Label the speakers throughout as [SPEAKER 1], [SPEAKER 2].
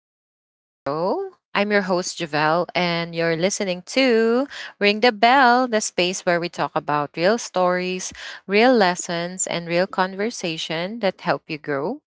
[SPEAKER 1] welcome back to the show. I'm your host Javelle, and you're listening to Ring the Bell, the space where we talk about real stories, real lessons, and real conversation that help you grow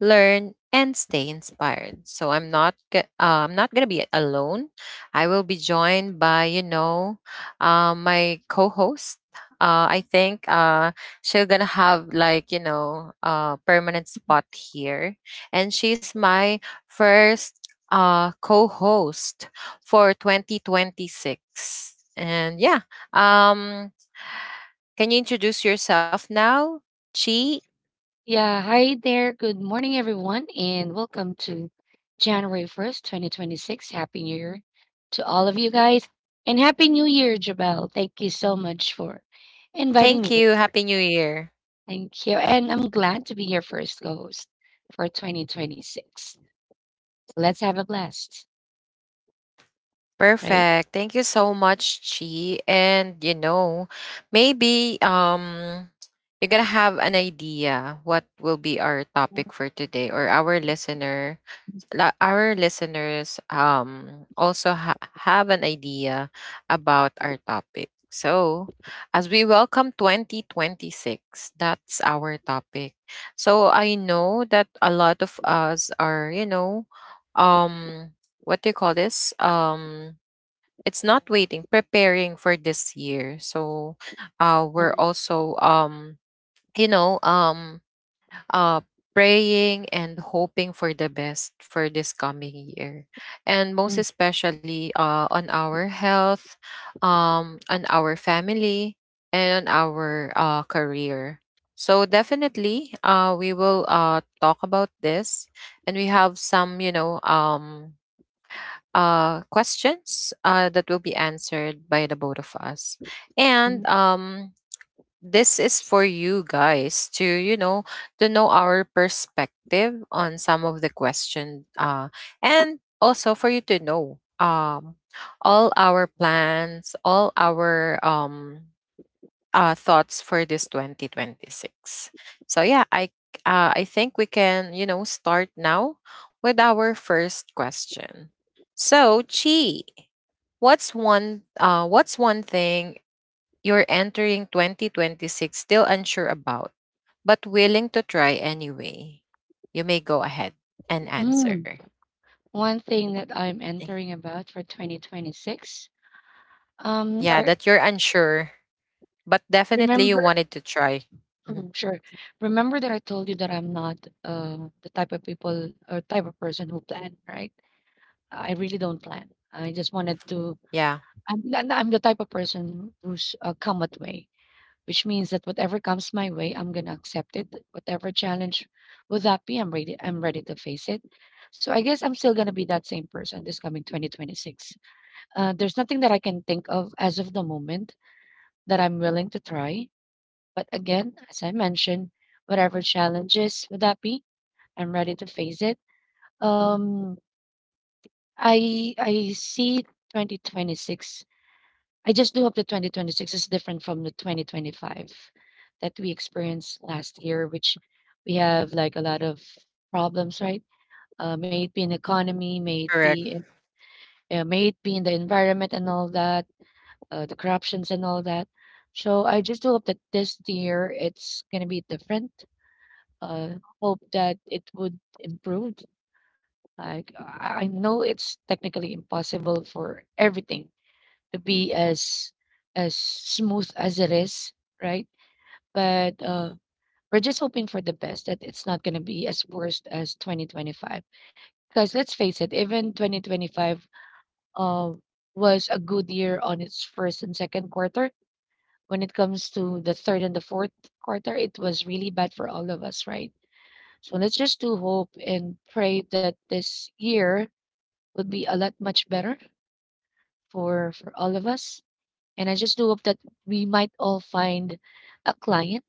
[SPEAKER 1] learn and stay inspired. So I'm not going to be alone. I will be joined by, my co-host. I think she's going to have like, permanent spot here and she's my first co-host for 2026. And can you introduce yourself now, Chi?
[SPEAKER 2] Yeah, hi there. Good morning, everyone, and welcome to January 1st, 2026. Happy New Year to all of you guys. And Happy New Year, Jabel. Thank you so much for inviting
[SPEAKER 1] Thank
[SPEAKER 2] me
[SPEAKER 1] you.
[SPEAKER 2] over.
[SPEAKER 1] Happy New Year.
[SPEAKER 2] Thank you. And I'm glad to be your first co host for 2026. Let's have a blast, right?
[SPEAKER 1] Perfect. Thank you so much, Chi. And you know, maybe you're gonna have an idea what will be our topic for today, or our our listeners also have an idea about our topic. So, as we welcome 2026, that's our topic. So I know that a lot of us are, you know, um what do you call this? It's not waiting, preparing for this year. So,
[SPEAKER 2] Mm,
[SPEAKER 1] we're also you know, um, uh, praying and hoping for the best for this coming year, and
[SPEAKER 2] mm,
[SPEAKER 1] most especially on our health, on our family, and on our career. So definitely, we will talk about this, and we have some, questions that will be answered by the both of us.
[SPEAKER 2] mm,
[SPEAKER 1] And this is for you guys to, you know, to know our perspective on some of the question, and also for you to know all our plans, all our thoughts for this 2026. So I think we can you know start now with our first question. So Chi, what's one thing you're entering 2026 still unsure about, but willing to try anyway? You may go ahead and
[SPEAKER 2] mm.
[SPEAKER 1] answer.
[SPEAKER 2] One thing that I'm
[SPEAKER 1] Thank-
[SPEAKER 2] entering about for 2026. Um,
[SPEAKER 1] Yeah,
[SPEAKER 2] I
[SPEAKER 1] that you're unsure, but definitely you
[SPEAKER 2] remember.
[SPEAKER 1] wanted to try. Mhm.
[SPEAKER 2] Mm, sure. Remember that I told you that I'm not the type of people or type of person who plan, right? I really don't plan. I just wanted to.
[SPEAKER 1] Yeah,
[SPEAKER 2] I'm the type of person who's come at way, which means that whatever comes my way, I'm gonna accept it. Whatever challenge will that be, I'm ready. I'm ready to face it. So I guess I'm still gonna be that same person this coming 2026. There's nothing that I can think of as of the moment that I'm willing to try, but again, as I mentioned, whatever challenges would that be, I'm ready to face it. Um, I see 2026. I just do hope that 2026 is different from the 2025 that we experienced last year, which we have like a lot of problems, right? May it be in economy, may it
[SPEAKER 1] correct.
[SPEAKER 2] be in, may it be in the environment and all that, the corruptions and all that. So I just do hope that this year it's gonna be different, uh, hope that it would improve. Like I know it's technically impossible for everything to be as smooth as it is, right? But we're just hoping for the best that it's not going to be as worst as 2025. Because let's face it, even 2025 uh, was a good year on its first and second quarter. When it comes to the third and the fourth quarter, it was really bad for all of us, right? So let's just do hope and pray that this year would be a lot much better for all of us. And I just do hope that we might all find a client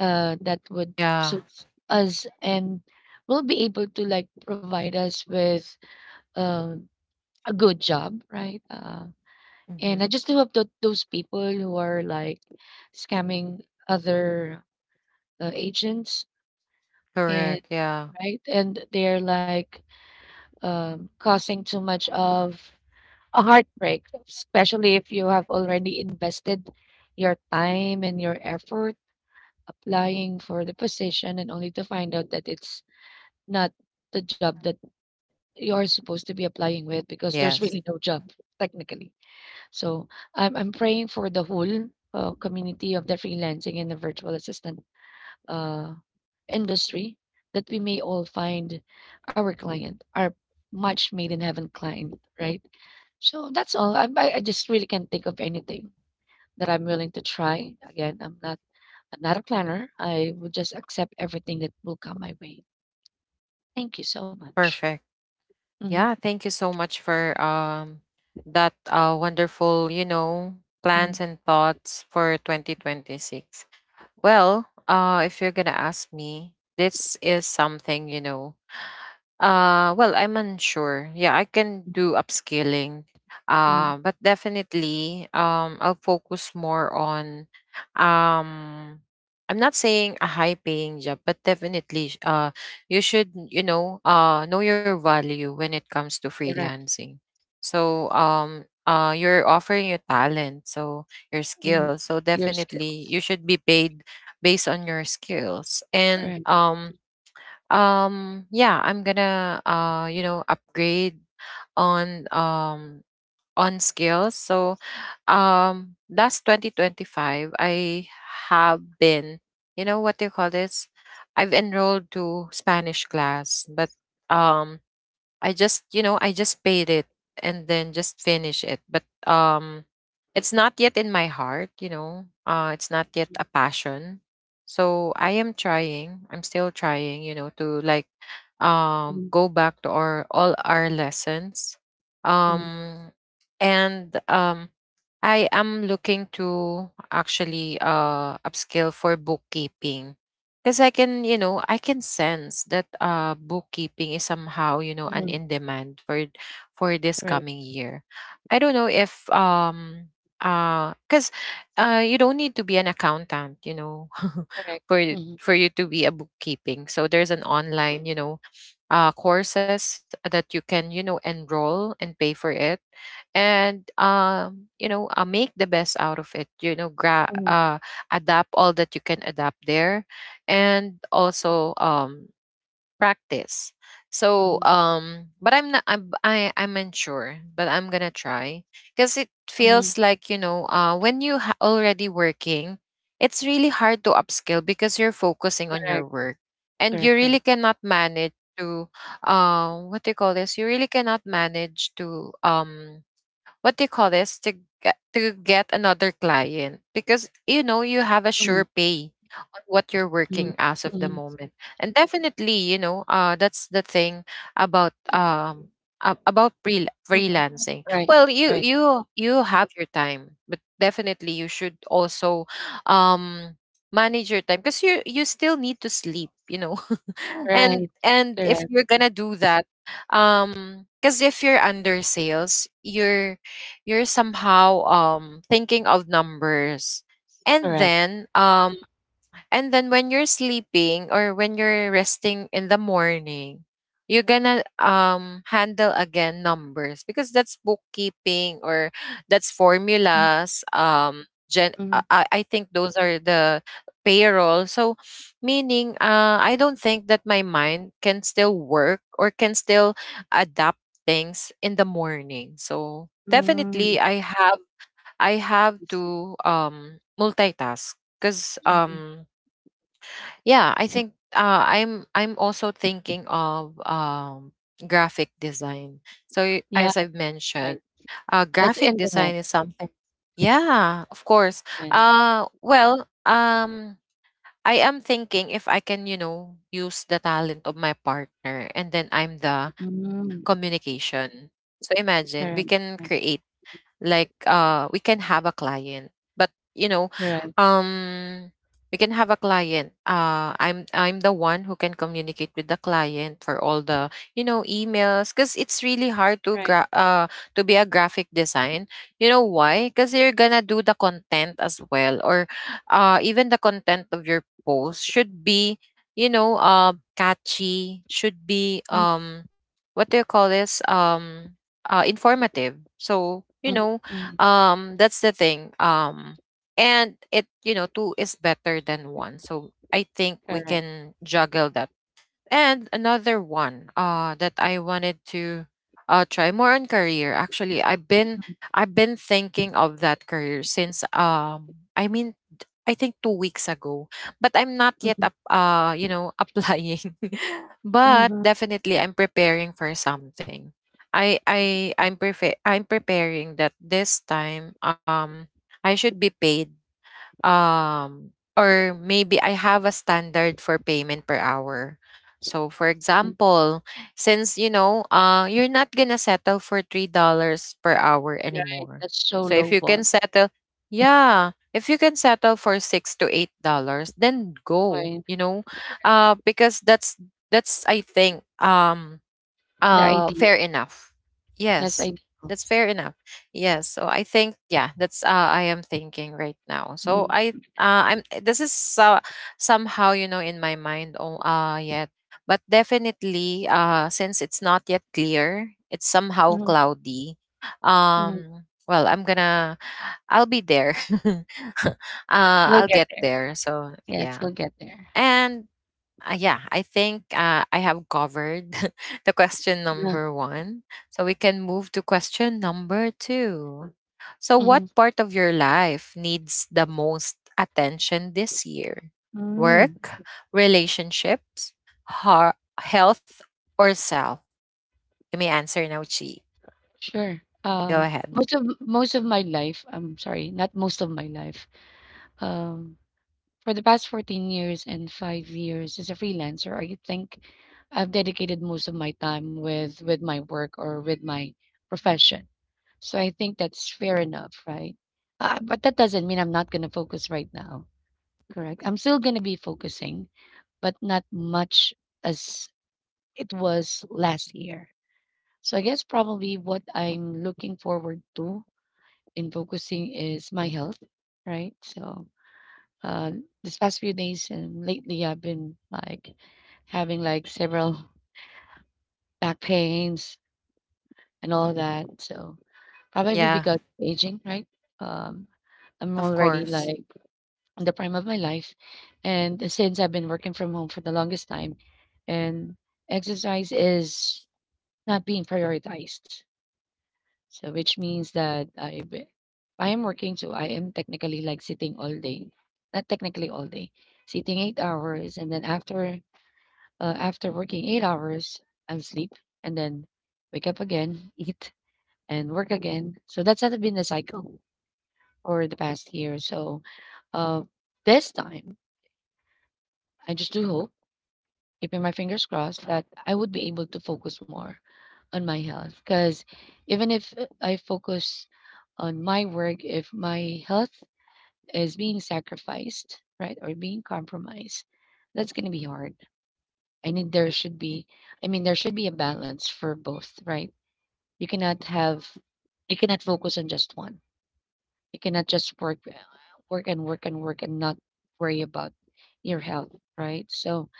[SPEAKER 2] that would
[SPEAKER 1] Yeah.
[SPEAKER 2] suit us and will be able to like provide us with uh, a good job, right?
[SPEAKER 1] Mm-hmm.
[SPEAKER 2] And I just do hope that those people who are like scamming other agents and
[SPEAKER 1] Correct. Yeah.
[SPEAKER 2] right and they're like causing too much of a heartbreak, especially if you have already invested your time and your effort applying for the position and only to find out that it's not the job that you're supposed to be applying with
[SPEAKER 1] Yes.
[SPEAKER 2] because there's really no job technically. So I'm praying for the whole community of the freelancing and the virtual assistant uh, industry that we may all find our client, our much made in heaven client, right? So that's all. I just really can't think of anything that I'm willing to try. Again, I'm not a planner. I would just accept everything that will come my way. Thank you so much.
[SPEAKER 1] Perfect.
[SPEAKER 2] Mhm,
[SPEAKER 1] Yeah. Thank you so much for that wonderful, you know,
[SPEAKER 2] mhm,
[SPEAKER 1] plans and thoughts for 2026. Well, if you're gonna ask me, this is something, you know, well, I'm unsure. Yeah, I can
[SPEAKER 2] mhm,
[SPEAKER 1] do upscaling.
[SPEAKER 2] mhm.
[SPEAKER 1] But definitely, I'll focus more on, um, I'm not saying a high paying job, but definitely, you should, know your value when it comes to
[SPEAKER 2] Correct.
[SPEAKER 1] freelancing. So, you're offering your talent, so your
[SPEAKER 2] Mhm.
[SPEAKER 1] skills. So
[SPEAKER 2] Your skills.
[SPEAKER 1] definitely, you should be paid based on your skills.
[SPEAKER 2] All
[SPEAKER 1] And
[SPEAKER 2] right.
[SPEAKER 1] yeah I'm gonna you know upgrade on um on skills. So last 2025 I have been you know what do you call this I've enrolled to Spanish class, but um I just, you know, I just paid it and then just finish it. But it's not yet in my heart, you know. It's not yet a passion. So I am trying. I'm still trying, you know, to like
[SPEAKER 2] Mhm,
[SPEAKER 1] go back to our all our lessons.
[SPEAKER 2] mhm,
[SPEAKER 1] Um and I am looking to actually upskill for bookkeeping because I can, you know, I can sense that bookkeeping is somehow, you know, an
[SPEAKER 2] mhm, mhm.
[SPEAKER 1] in demand for this
[SPEAKER 2] Right.
[SPEAKER 1] coming year. I don't know if because you don't need to be an accountant, you know,
[SPEAKER 2] Correct. Mhm,
[SPEAKER 1] for you to be a bookkeeping. So there's an online, you know, courses that you can, you know, enroll and pay for it, and you know, make the best out of it. You know, adapt all that you can adapt there and also practice. So
[SPEAKER 2] mhm,
[SPEAKER 1] but I'm not I'm I, I'm unsure but I'm gonna try because it
[SPEAKER 2] mhm, mhm.
[SPEAKER 1] feels like you know when you already working, it's really hard to upskill because you're focusing on your
[SPEAKER 2] Correct.
[SPEAKER 1] work and you
[SPEAKER 2] Correct.
[SPEAKER 1] really
[SPEAKER 2] Correct.
[SPEAKER 1] cannot manage to what do you call this you really cannot manage to what do you call this to to get another client because you know you have a
[SPEAKER 2] Mhm,
[SPEAKER 1] sure pay on what you're
[SPEAKER 2] mhm,
[SPEAKER 1] working as of the
[SPEAKER 2] mhm,
[SPEAKER 1] moment. And definitely you know that's the thing about about
[SPEAKER 2] mhm.
[SPEAKER 1] freelancing.
[SPEAKER 2] Right.
[SPEAKER 1] Well
[SPEAKER 2] Right.
[SPEAKER 1] you have your time but definitely you should also um manage your time because you still need to sleep you know
[SPEAKER 2] Right.
[SPEAKER 1] and if
[SPEAKER 2] Correct.
[SPEAKER 1] you're gonna do that because if you're under sales you're somehow thinking of numbers. And
[SPEAKER 2] Correct.
[SPEAKER 1] then And then when you're sleeping or when you're resting in the morning, you're gonna handle again numbers because that's bookkeeping or that's
[SPEAKER 2] Mhm,
[SPEAKER 1] formulas.
[SPEAKER 2] mhm,
[SPEAKER 1] I think those are the payroll. So, meaning, I don't think that my mind can still work or can still adapt things in the morning. So definitely,
[SPEAKER 2] mhm.
[SPEAKER 1] I have to multitask because Yeah, I think I'm also thinking of graphic design. So
[SPEAKER 2] Yeah,
[SPEAKER 1] as I've
[SPEAKER 2] that's
[SPEAKER 1] mentioned,
[SPEAKER 2] right. That's
[SPEAKER 1] graphic
[SPEAKER 2] in demand
[SPEAKER 1] design is something. Yeah, of course.
[SPEAKER 2] demand.
[SPEAKER 1] Uh, well, um, I am thinking if I can, you know, use the talent of my partner, and then I'm the
[SPEAKER 2] Mm,
[SPEAKER 1] communication. So imagine we
[SPEAKER 2] correct,
[SPEAKER 1] can
[SPEAKER 2] right,
[SPEAKER 1] create like we can have a client but you know
[SPEAKER 2] right,
[SPEAKER 1] um we can have a client I'm the one who can communicate with the client for all the you know emails because it's really hard to
[SPEAKER 2] right.
[SPEAKER 1] to be a graphic design. You know why? Because you're gonna do the content as well or even the content of your post should be you know catchy, should be
[SPEAKER 2] Mm,
[SPEAKER 1] what do you call this informative. So
[SPEAKER 2] mm,
[SPEAKER 1] you know,
[SPEAKER 2] mm,
[SPEAKER 1] that's the thing. And it you know two is better than one. So I think we
[SPEAKER 2] correct.
[SPEAKER 1] can juggle that. And another one that I wanted to try more on career. Actually,
[SPEAKER 2] Mm,
[SPEAKER 1] I've been thinking of that career since I mean I think 2 weeks ago, but I'm not yet
[SPEAKER 2] mhm,
[SPEAKER 1] up, you know applying.
[SPEAKER 2] mhm, mm,
[SPEAKER 1] but
[SPEAKER 2] mm-hmm,
[SPEAKER 1] definitely, I'm preparing for something. I I'm prefer I'm preparing that this time I should be paid um or maybe I have a standard for payment per hour. So for
[SPEAKER 2] mm-hmm.
[SPEAKER 1] example, since you know, you're not going to settle for $3 per hour
[SPEAKER 2] Right,
[SPEAKER 1] anymore.
[SPEAKER 2] that's so
[SPEAKER 1] So if
[SPEAKER 2] low
[SPEAKER 1] you can
[SPEAKER 2] ball.
[SPEAKER 1] settle yeah, if you can settle for 6 to $8, then go,
[SPEAKER 2] Right,
[SPEAKER 1] you know. Because that's I think
[SPEAKER 2] the ideal.
[SPEAKER 1] fair enough.
[SPEAKER 2] That's
[SPEAKER 1] Yes,
[SPEAKER 2] ideal.
[SPEAKER 1] that's fair enough. Yes, so I think yeah, that's I am thinking right now. So
[SPEAKER 2] Mhm,
[SPEAKER 1] I I'm this is somehow you know in my mind oh, yet, but definitely since it's not yet clear, it's somehow
[SPEAKER 2] mhm,
[SPEAKER 1] cloudy.
[SPEAKER 2] mhm.
[SPEAKER 1] Well, I'll be there. uh,
[SPEAKER 2] You'll
[SPEAKER 1] I'll
[SPEAKER 2] get
[SPEAKER 1] get
[SPEAKER 2] there.
[SPEAKER 1] there. So
[SPEAKER 2] Yes,
[SPEAKER 1] yeah,
[SPEAKER 2] you'll get there.
[SPEAKER 1] and yeah, I think I have covered the question
[SPEAKER 2] Yeah.
[SPEAKER 1] number one. So we can move to question number two. So, what
[SPEAKER 2] Mhm,
[SPEAKER 1] part of your life needs the most attention this year?
[SPEAKER 2] mm.
[SPEAKER 1] Work, relationships, health, or self? You may answer now, Chi.
[SPEAKER 2] Sure.
[SPEAKER 1] Go ahead.
[SPEAKER 2] Most of most of my life, I'm sorry, not most of my life. Um, For the past 14 years and 5 years as a freelancer, I think I've dedicated most of my time with my work or with my profession. So I think that's fair enough, right? But that doesn't mean I'm not going to focus right now, correct? I'm still going to be focusing, but not much as it was last year. So I guess probably what I'm looking forward to in focusing is my health, right? So uh, this past few days and lately, I've been like having like several back pains and all that. So probably
[SPEAKER 1] Yeah,
[SPEAKER 2] because aging, right? Um, I'm
[SPEAKER 1] of
[SPEAKER 2] already
[SPEAKER 1] course.
[SPEAKER 2] like in the prime of my life, and since I've been working from home for the longest time, and exercise is not being prioritized. So which means that I am working, so I am technically like sitting all day, not technically all day, sitting 8 hours, and then after. After working 8 hours, I'm sleep and then wake up again, eat and work again. So that's had been the cycle for the past year. So uh, this time, I just do hope, keeping my fingers crossed, that I would be able to focus more on my health. Because even if I focus on my work, if my health is being sacrificed, right, or being compromised, that's going to be hard. I need There should be, I mean, there should be a balance for both, right? You cannot have you cannot focus on just one. You cannot just work work and work and work and not worry about your health, right? So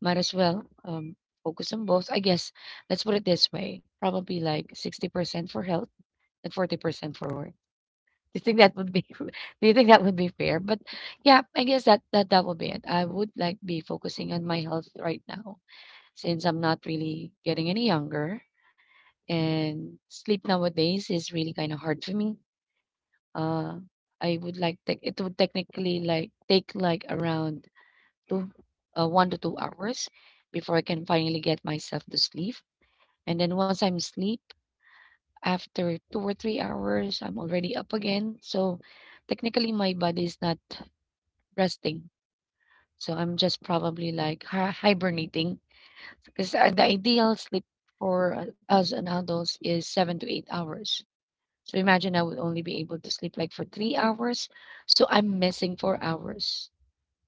[SPEAKER 2] might as well focus on both. I guess let's put it this way. Probably like 60% for health and 40% for work. Do you think that would be do you think that would be fair? But yeah, I guess that that that, would be it. I would like be focusing on my health right now since I'm not really getting any younger and sleep nowadays is really kind of hard for me. Uh, I would like tech It would technically like take like around two, 1 to 2 hours before I can finally get myself to sleep. And then once I'm asleep, after 2 or 3 hours, I'm already up again. So technically, my body is not resting. So I'm just probably like hibernating because the ideal sleep for us an adults is 7 to 8 hours. So imagine I would only be able to sleep like for 3 hours. So I'm missing 4 hours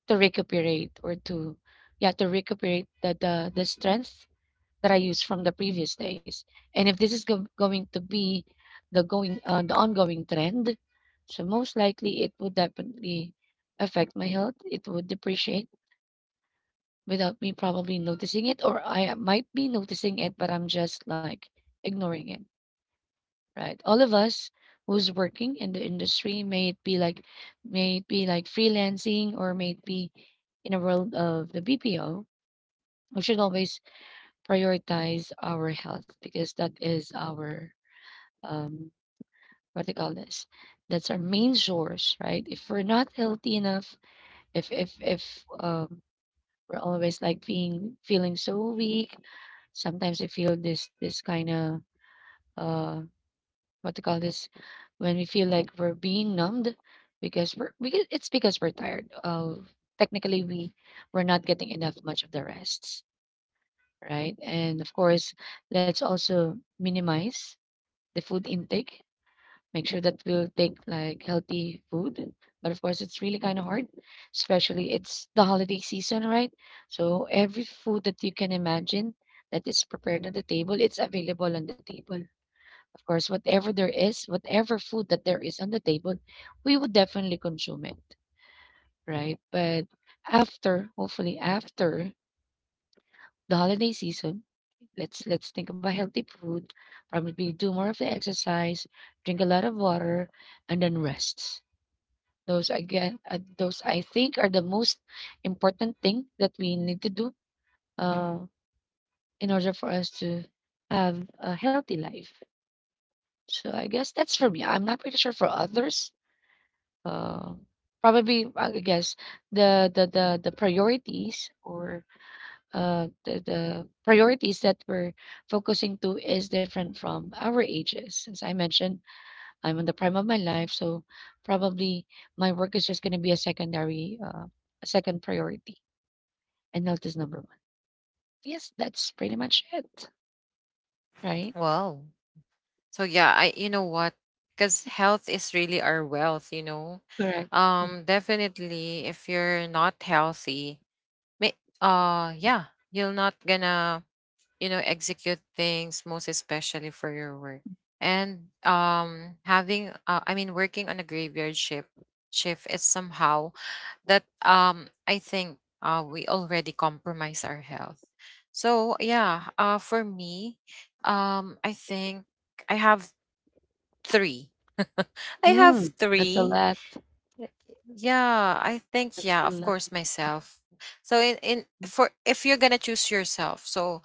[SPEAKER 2] to recuperate or to yeah, to recuperate the strength that I used from the previous days. And if this is going to be the going the ongoing trend, so most likely it would definitely affect my health. It would depreciate without me probably noticing it, or I might be noticing it, but I'm just like ignoring it, right? All of us who's working in the industry, may it be like may it be like freelancing or may it be in a world of the BPO, we should always prioritize our health because that is our um what do you call this? That's our main source, right? If we're not healthy enough, if um we're always like being feeling so weak, sometimes I feel this this kind of uh what to call this, when we feel like we're being numbed because we're because it's because we're tired of technically we're not getting enough much of the rests, right? And of course, let's also minimize the food intake, make sure that we'll take like healthy food, but of course it's really kind of hard, especially it's the holiday season, right? So every food that you can imagine that is prepared on the table, it's available on the table. Of course, whatever there is, whatever food that there is on the table, we would definitely consume it, right? But after, hopefully after the holiday season, let's think about healthy food, probably do more of the exercise, drink a lot of water, and then rest. Those again, those I think are the most important thing that we need to do uh, in order for us to have a healthy life. So I guess that's for me. I'm not pretty sure for others, uh, probably I guess the priorities or the priorities that we're focusing to is different from our ages. As I mentioned, I'm in the prime of my life, so probably my work is just going to be a secondary, a second priority, and health is number one. Yes, that's pretty much it, right?
[SPEAKER 1] Wow. So yeah, I you know what? Because health is really our wealth, you know.
[SPEAKER 2] Correct.
[SPEAKER 1] Definitely, if you're not healthy, may yeah, you're not gonna you know execute things, most especially for your work. And having I mean, working on a graveyard shift shift is somehow that I think we already compromise our health. So yeah, for me, I think I have Three. I have
[SPEAKER 2] Mm, that's a
[SPEAKER 1] three.
[SPEAKER 2] lot.
[SPEAKER 1] Yeah, I think
[SPEAKER 2] That's
[SPEAKER 1] yeah,
[SPEAKER 2] a
[SPEAKER 1] of
[SPEAKER 2] lot.
[SPEAKER 1] course myself. So in for if you're gonna choose yourself, so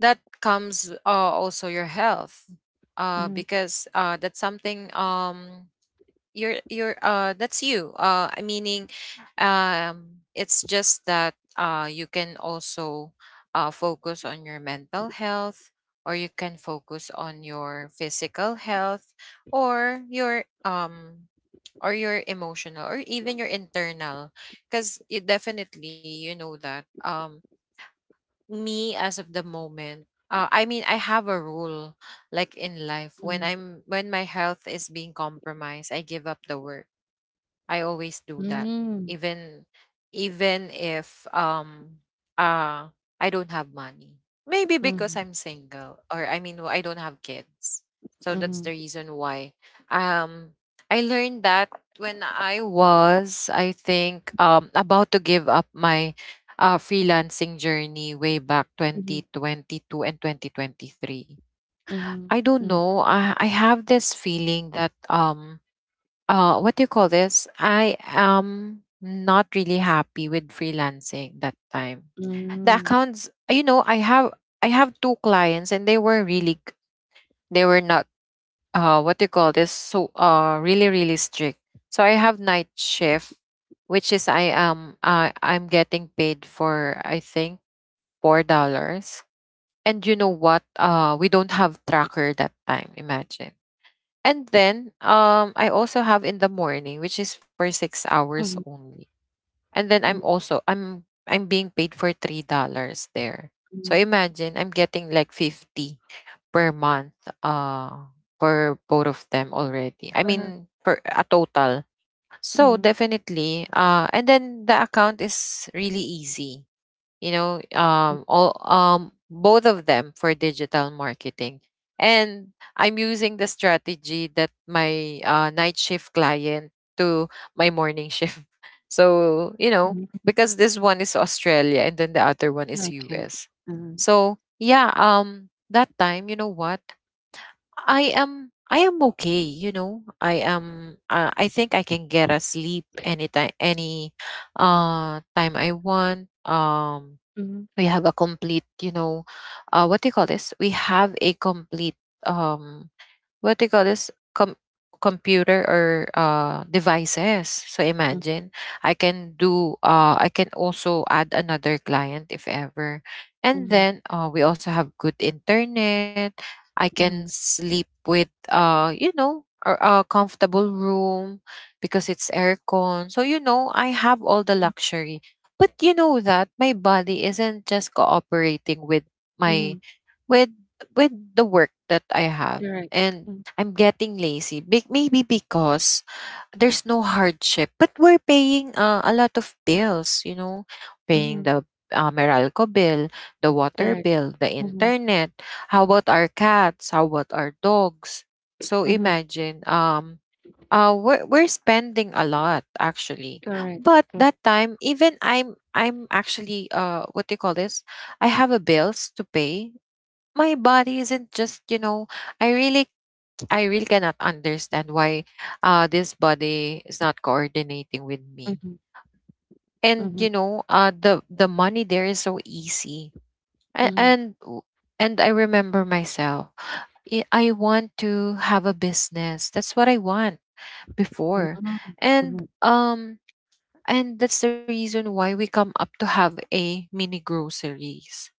[SPEAKER 1] that comes also your health,
[SPEAKER 2] Mm-hmm.
[SPEAKER 1] because that's something you're that's you I meaning it's just that you can also focus on your mental health or you can focus on your physical health or your um or your emotional or even your internal because you definitely you know that me as of the moment I mean I have a rule like in life when
[SPEAKER 2] Mm-hmm.
[SPEAKER 1] I'm when my health is being compromised I give up the work. I always do that.
[SPEAKER 2] Mm-hmm.
[SPEAKER 1] Even if uh I don't have money. Maybe
[SPEAKER 2] Mm-hmm.
[SPEAKER 1] because I'm single or I mean I don't have kids. So that's the reason why. Um I learned that when I was I think about to give up my freelancing journey way back
[SPEAKER 2] Mm-hmm.
[SPEAKER 1] 2022 and 2023.
[SPEAKER 2] Mhm,
[SPEAKER 1] I don't
[SPEAKER 2] mm,
[SPEAKER 1] know. I have this feeling that what do you call this? I am not really happy with freelancing that time, the
[SPEAKER 2] mm,
[SPEAKER 1] accounts, you know. I have two clients and they were they were not, what do you call this, so really, really strict. So I have night shift, which is I am I'm getting paid for, I think, $4. And you know what, we don't have tracker that time, imagine. And then I also have in the morning, which is for 6 hours
[SPEAKER 2] mm,
[SPEAKER 1] only. And then
[SPEAKER 2] mm,
[SPEAKER 1] I'm also I'm being paid for $3 there. So
[SPEAKER 2] mm,
[SPEAKER 1] imagine I'm getting like 50 per month for both of them already, I
[SPEAKER 2] uh-huh,
[SPEAKER 1] mean for a total. So
[SPEAKER 2] mm,
[SPEAKER 1] definitely, and then the account is really easy, you know all both of them for digital marketing. And I'm using the strategy that my night shift client to my morning shift so you know,
[SPEAKER 2] mm,
[SPEAKER 1] because this one is Australia and then the other one is
[SPEAKER 2] okay,
[SPEAKER 1] US.
[SPEAKER 2] uh-huh,
[SPEAKER 1] So yeah, that time, you know what, I am okay, you know. I am I think I can get a sleep anytime, any time I want.
[SPEAKER 2] mhm,
[SPEAKER 1] We have a complete, you know, what do you call this we have a complete, um what they call this computer or devices. So
[SPEAKER 2] mm,
[SPEAKER 1] imagine, I can do I can also add another client if ever. And
[SPEAKER 2] mhm,
[SPEAKER 1] then, we also have good internet. I
[SPEAKER 2] mhm,
[SPEAKER 1] can sleep with, you know, or a comfortable room, because it's aircon. So you know, I have all the
[SPEAKER 2] mm,
[SPEAKER 1] luxury. But you know that my body isn't just cooperating with my
[SPEAKER 2] mhm,
[SPEAKER 1] with with the work that I have.
[SPEAKER 2] correct,
[SPEAKER 1] And
[SPEAKER 2] mm,
[SPEAKER 1] I'm getting lazy. Maybe because there's no hardship, but we're paying a lot of bills, you know, paying
[SPEAKER 2] mhm,
[SPEAKER 1] the Meralco bill, the water
[SPEAKER 2] correct,
[SPEAKER 1] bill, the
[SPEAKER 2] mhm,
[SPEAKER 1] internet. How about our cats? How about our dogs? So
[SPEAKER 2] mhm,
[SPEAKER 1] imagine, we're spending a lot actually.
[SPEAKER 2] correct,
[SPEAKER 1] But
[SPEAKER 2] correct,
[SPEAKER 1] that time, even I'm actually, what do you call this? I have a bills to pay. My body isn't just, you know, I really, I really cannot understand why this body is not coordinating with me.
[SPEAKER 2] mhm,
[SPEAKER 1] And you
[SPEAKER 2] mhm,
[SPEAKER 1] know, the money there is so easy. And
[SPEAKER 2] mhm,
[SPEAKER 1] and, w- and I remember myself. I want to have a business. That's what I want before.
[SPEAKER 2] oh,
[SPEAKER 1] And
[SPEAKER 2] mhm,
[SPEAKER 1] that's the reason why we come up to have a mini groceries.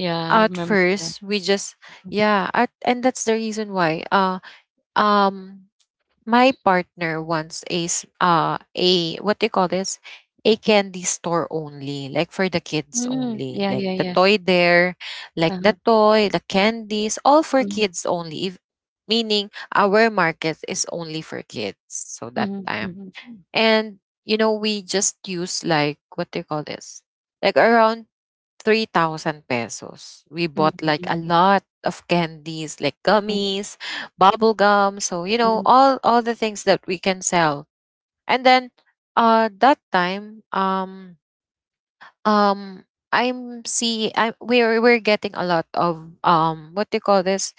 [SPEAKER 2] yeah, I
[SPEAKER 1] At
[SPEAKER 2] remember that,
[SPEAKER 1] first, we just,
[SPEAKER 2] mm,
[SPEAKER 1] yeah, and that's the reason why, um my partner wants a a, what do you call this? A candy store only, like for the kids
[SPEAKER 2] mm,
[SPEAKER 1] only,
[SPEAKER 2] yeah,
[SPEAKER 1] like
[SPEAKER 2] yeah,
[SPEAKER 1] the
[SPEAKER 2] yeah,
[SPEAKER 1] toy there, like the
[SPEAKER 2] uh-huh,
[SPEAKER 1] toy, the candies, all for
[SPEAKER 2] mhm,
[SPEAKER 1] kids only. If, meaning our market is only for kids. So that
[SPEAKER 2] mhm,
[SPEAKER 1] time.
[SPEAKER 2] mhm,
[SPEAKER 1] And you know, we just use like, what do you call this? Like around 3,000 pesos. We bought like a
[SPEAKER 2] mhm,
[SPEAKER 1] lot of candies, like
[SPEAKER 2] mhm,
[SPEAKER 1] gummies, bubble gum. So you know,
[SPEAKER 2] mhm,
[SPEAKER 1] all the things that we can sell. And then, that time, um I'm see I we're getting a lot of what do you call this,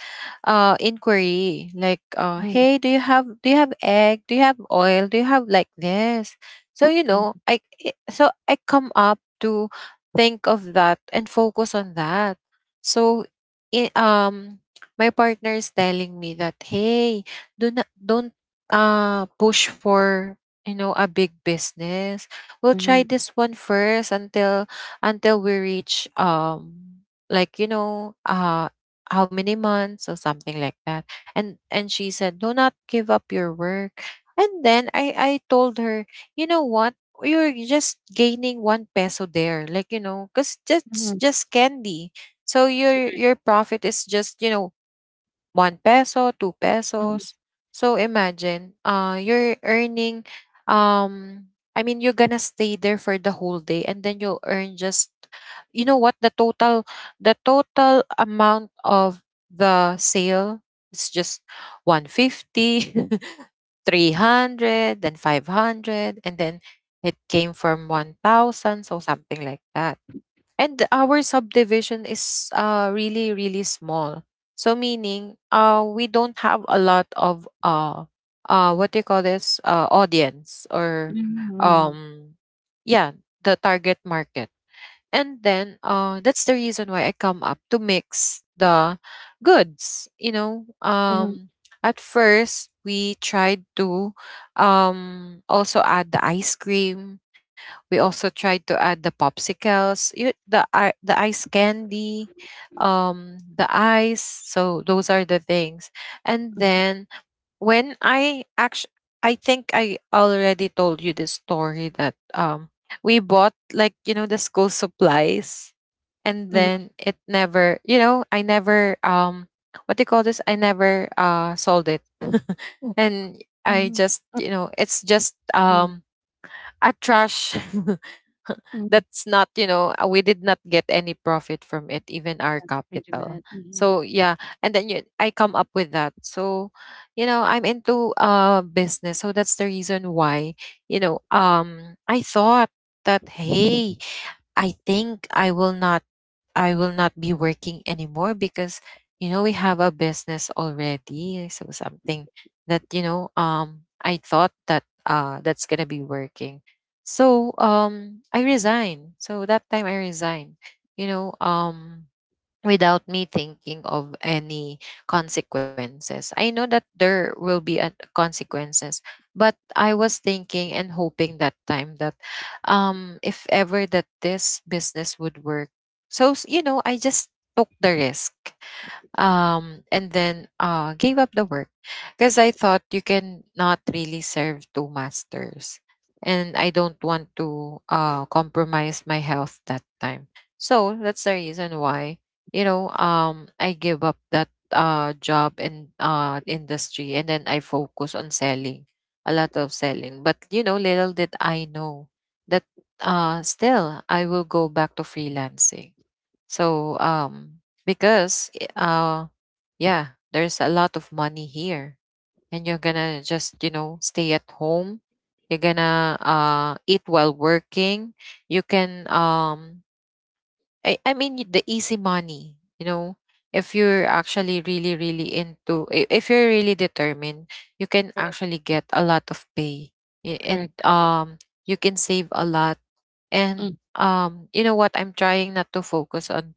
[SPEAKER 1] inquiry, like,
[SPEAKER 2] mhm,
[SPEAKER 1] hey, do you have, do you have egg, do you have oil, do you have like this. So you know,
[SPEAKER 2] mhm,
[SPEAKER 1] so I come up to think of that and focus on that. So i- um my partner is telling me that, hey, do not don't push for, you know, a big business. We'll try
[SPEAKER 2] mhm,
[SPEAKER 1] this one first until we reach like, you know, how many months or something like that. And she said, do not give up your work. And then I told her, you know what, you're just gaining one peso there, like, you know, because that's
[SPEAKER 2] mhm,
[SPEAKER 1] just candy. So your
[SPEAKER 2] correct,
[SPEAKER 1] your profit is just, you know, 1 peso, 2
[SPEAKER 2] mhm,
[SPEAKER 1] pesos. So imagine, you're earning, um, I mean, you're gonna stay there for the whole day and then you'll earn just, you know what, the total amount of the sale is just 150, 300, then 500, and then it came from 1,000, so something like that. And our subdivision is really, really small. So meaning, we don't have a lot of, what do you call this, audience or,
[SPEAKER 2] mhm, mhm,
[SPEAKER 1] um, yeah, the target market. And then, that's the reason why I come up to mix the goods. You know,
[SPEAKER 2] mhm,
[SPEAKER 1] um, at first we tried to, also add the ice cream. We also tried to add the popsicles, you, the the ice candy, the ice. So those are the things. And then, when I actually, I think I already told you the story that we bought, like, you know, the school supplies, and
[SPEAKER 2] mhm,
[SPEAKER 1] then it never, you know, I never, what do you call this I never sold it. Mm. And I
[SPEAKER 2] mhm.
[SPEAKER 1] just, you know, it's just
[SPEAKER 2] Mm,
[SPEAKER 1] a trash.
[SPEAKER 2] mm,
[SPEAKER 1] That's not, you know, we did not get any profit from it, even our
[SPEAKER 2] that's pretty
[SPEAKER 1] capital.
[SPEAKER 2] bad, mhm.
[SPEAKER 1] So yeah. And then I come up with that. So you know, I'm into business. So that's the reason why, you know, I thought that, hey, i think i will not I will not be working anymore because, you know, we have a business already. So something that, you know, I thought that that's gonna be working. So I resigned. So that time I resigned, you know, without me thinking of any consequences. I know that there will be a consequences, but I was thinking and hoping that time that, if ever that this business would work. So, you know, I just took the risk, and then gave up the work because I thought you can not really serve two masters, and I don't want to compromise my health that time. So that's the reason why, you know, I give up that job and industry, and then I focus on selling, a lot of selling. But you know, little did I know that, still I will go back to freelancing. So, because eh, uh, yeah, there's a lot of money here, and you're gonna just, you know, stay at home. You're gonna eat while working. You can, I mean, the easy money, you know. If you're actually really, really into, if you're really determined, you can
[SPEAKER 2] Correct,
[SPEAKER 1] actually get a lot of pay, and
[SPEAKER 2] correct, correct.
[SPEAKER 1] you can save a lot. And
[SPEAKER 2] Mm,
[SPEAKER 1] you know what, I'm trying not to focus on,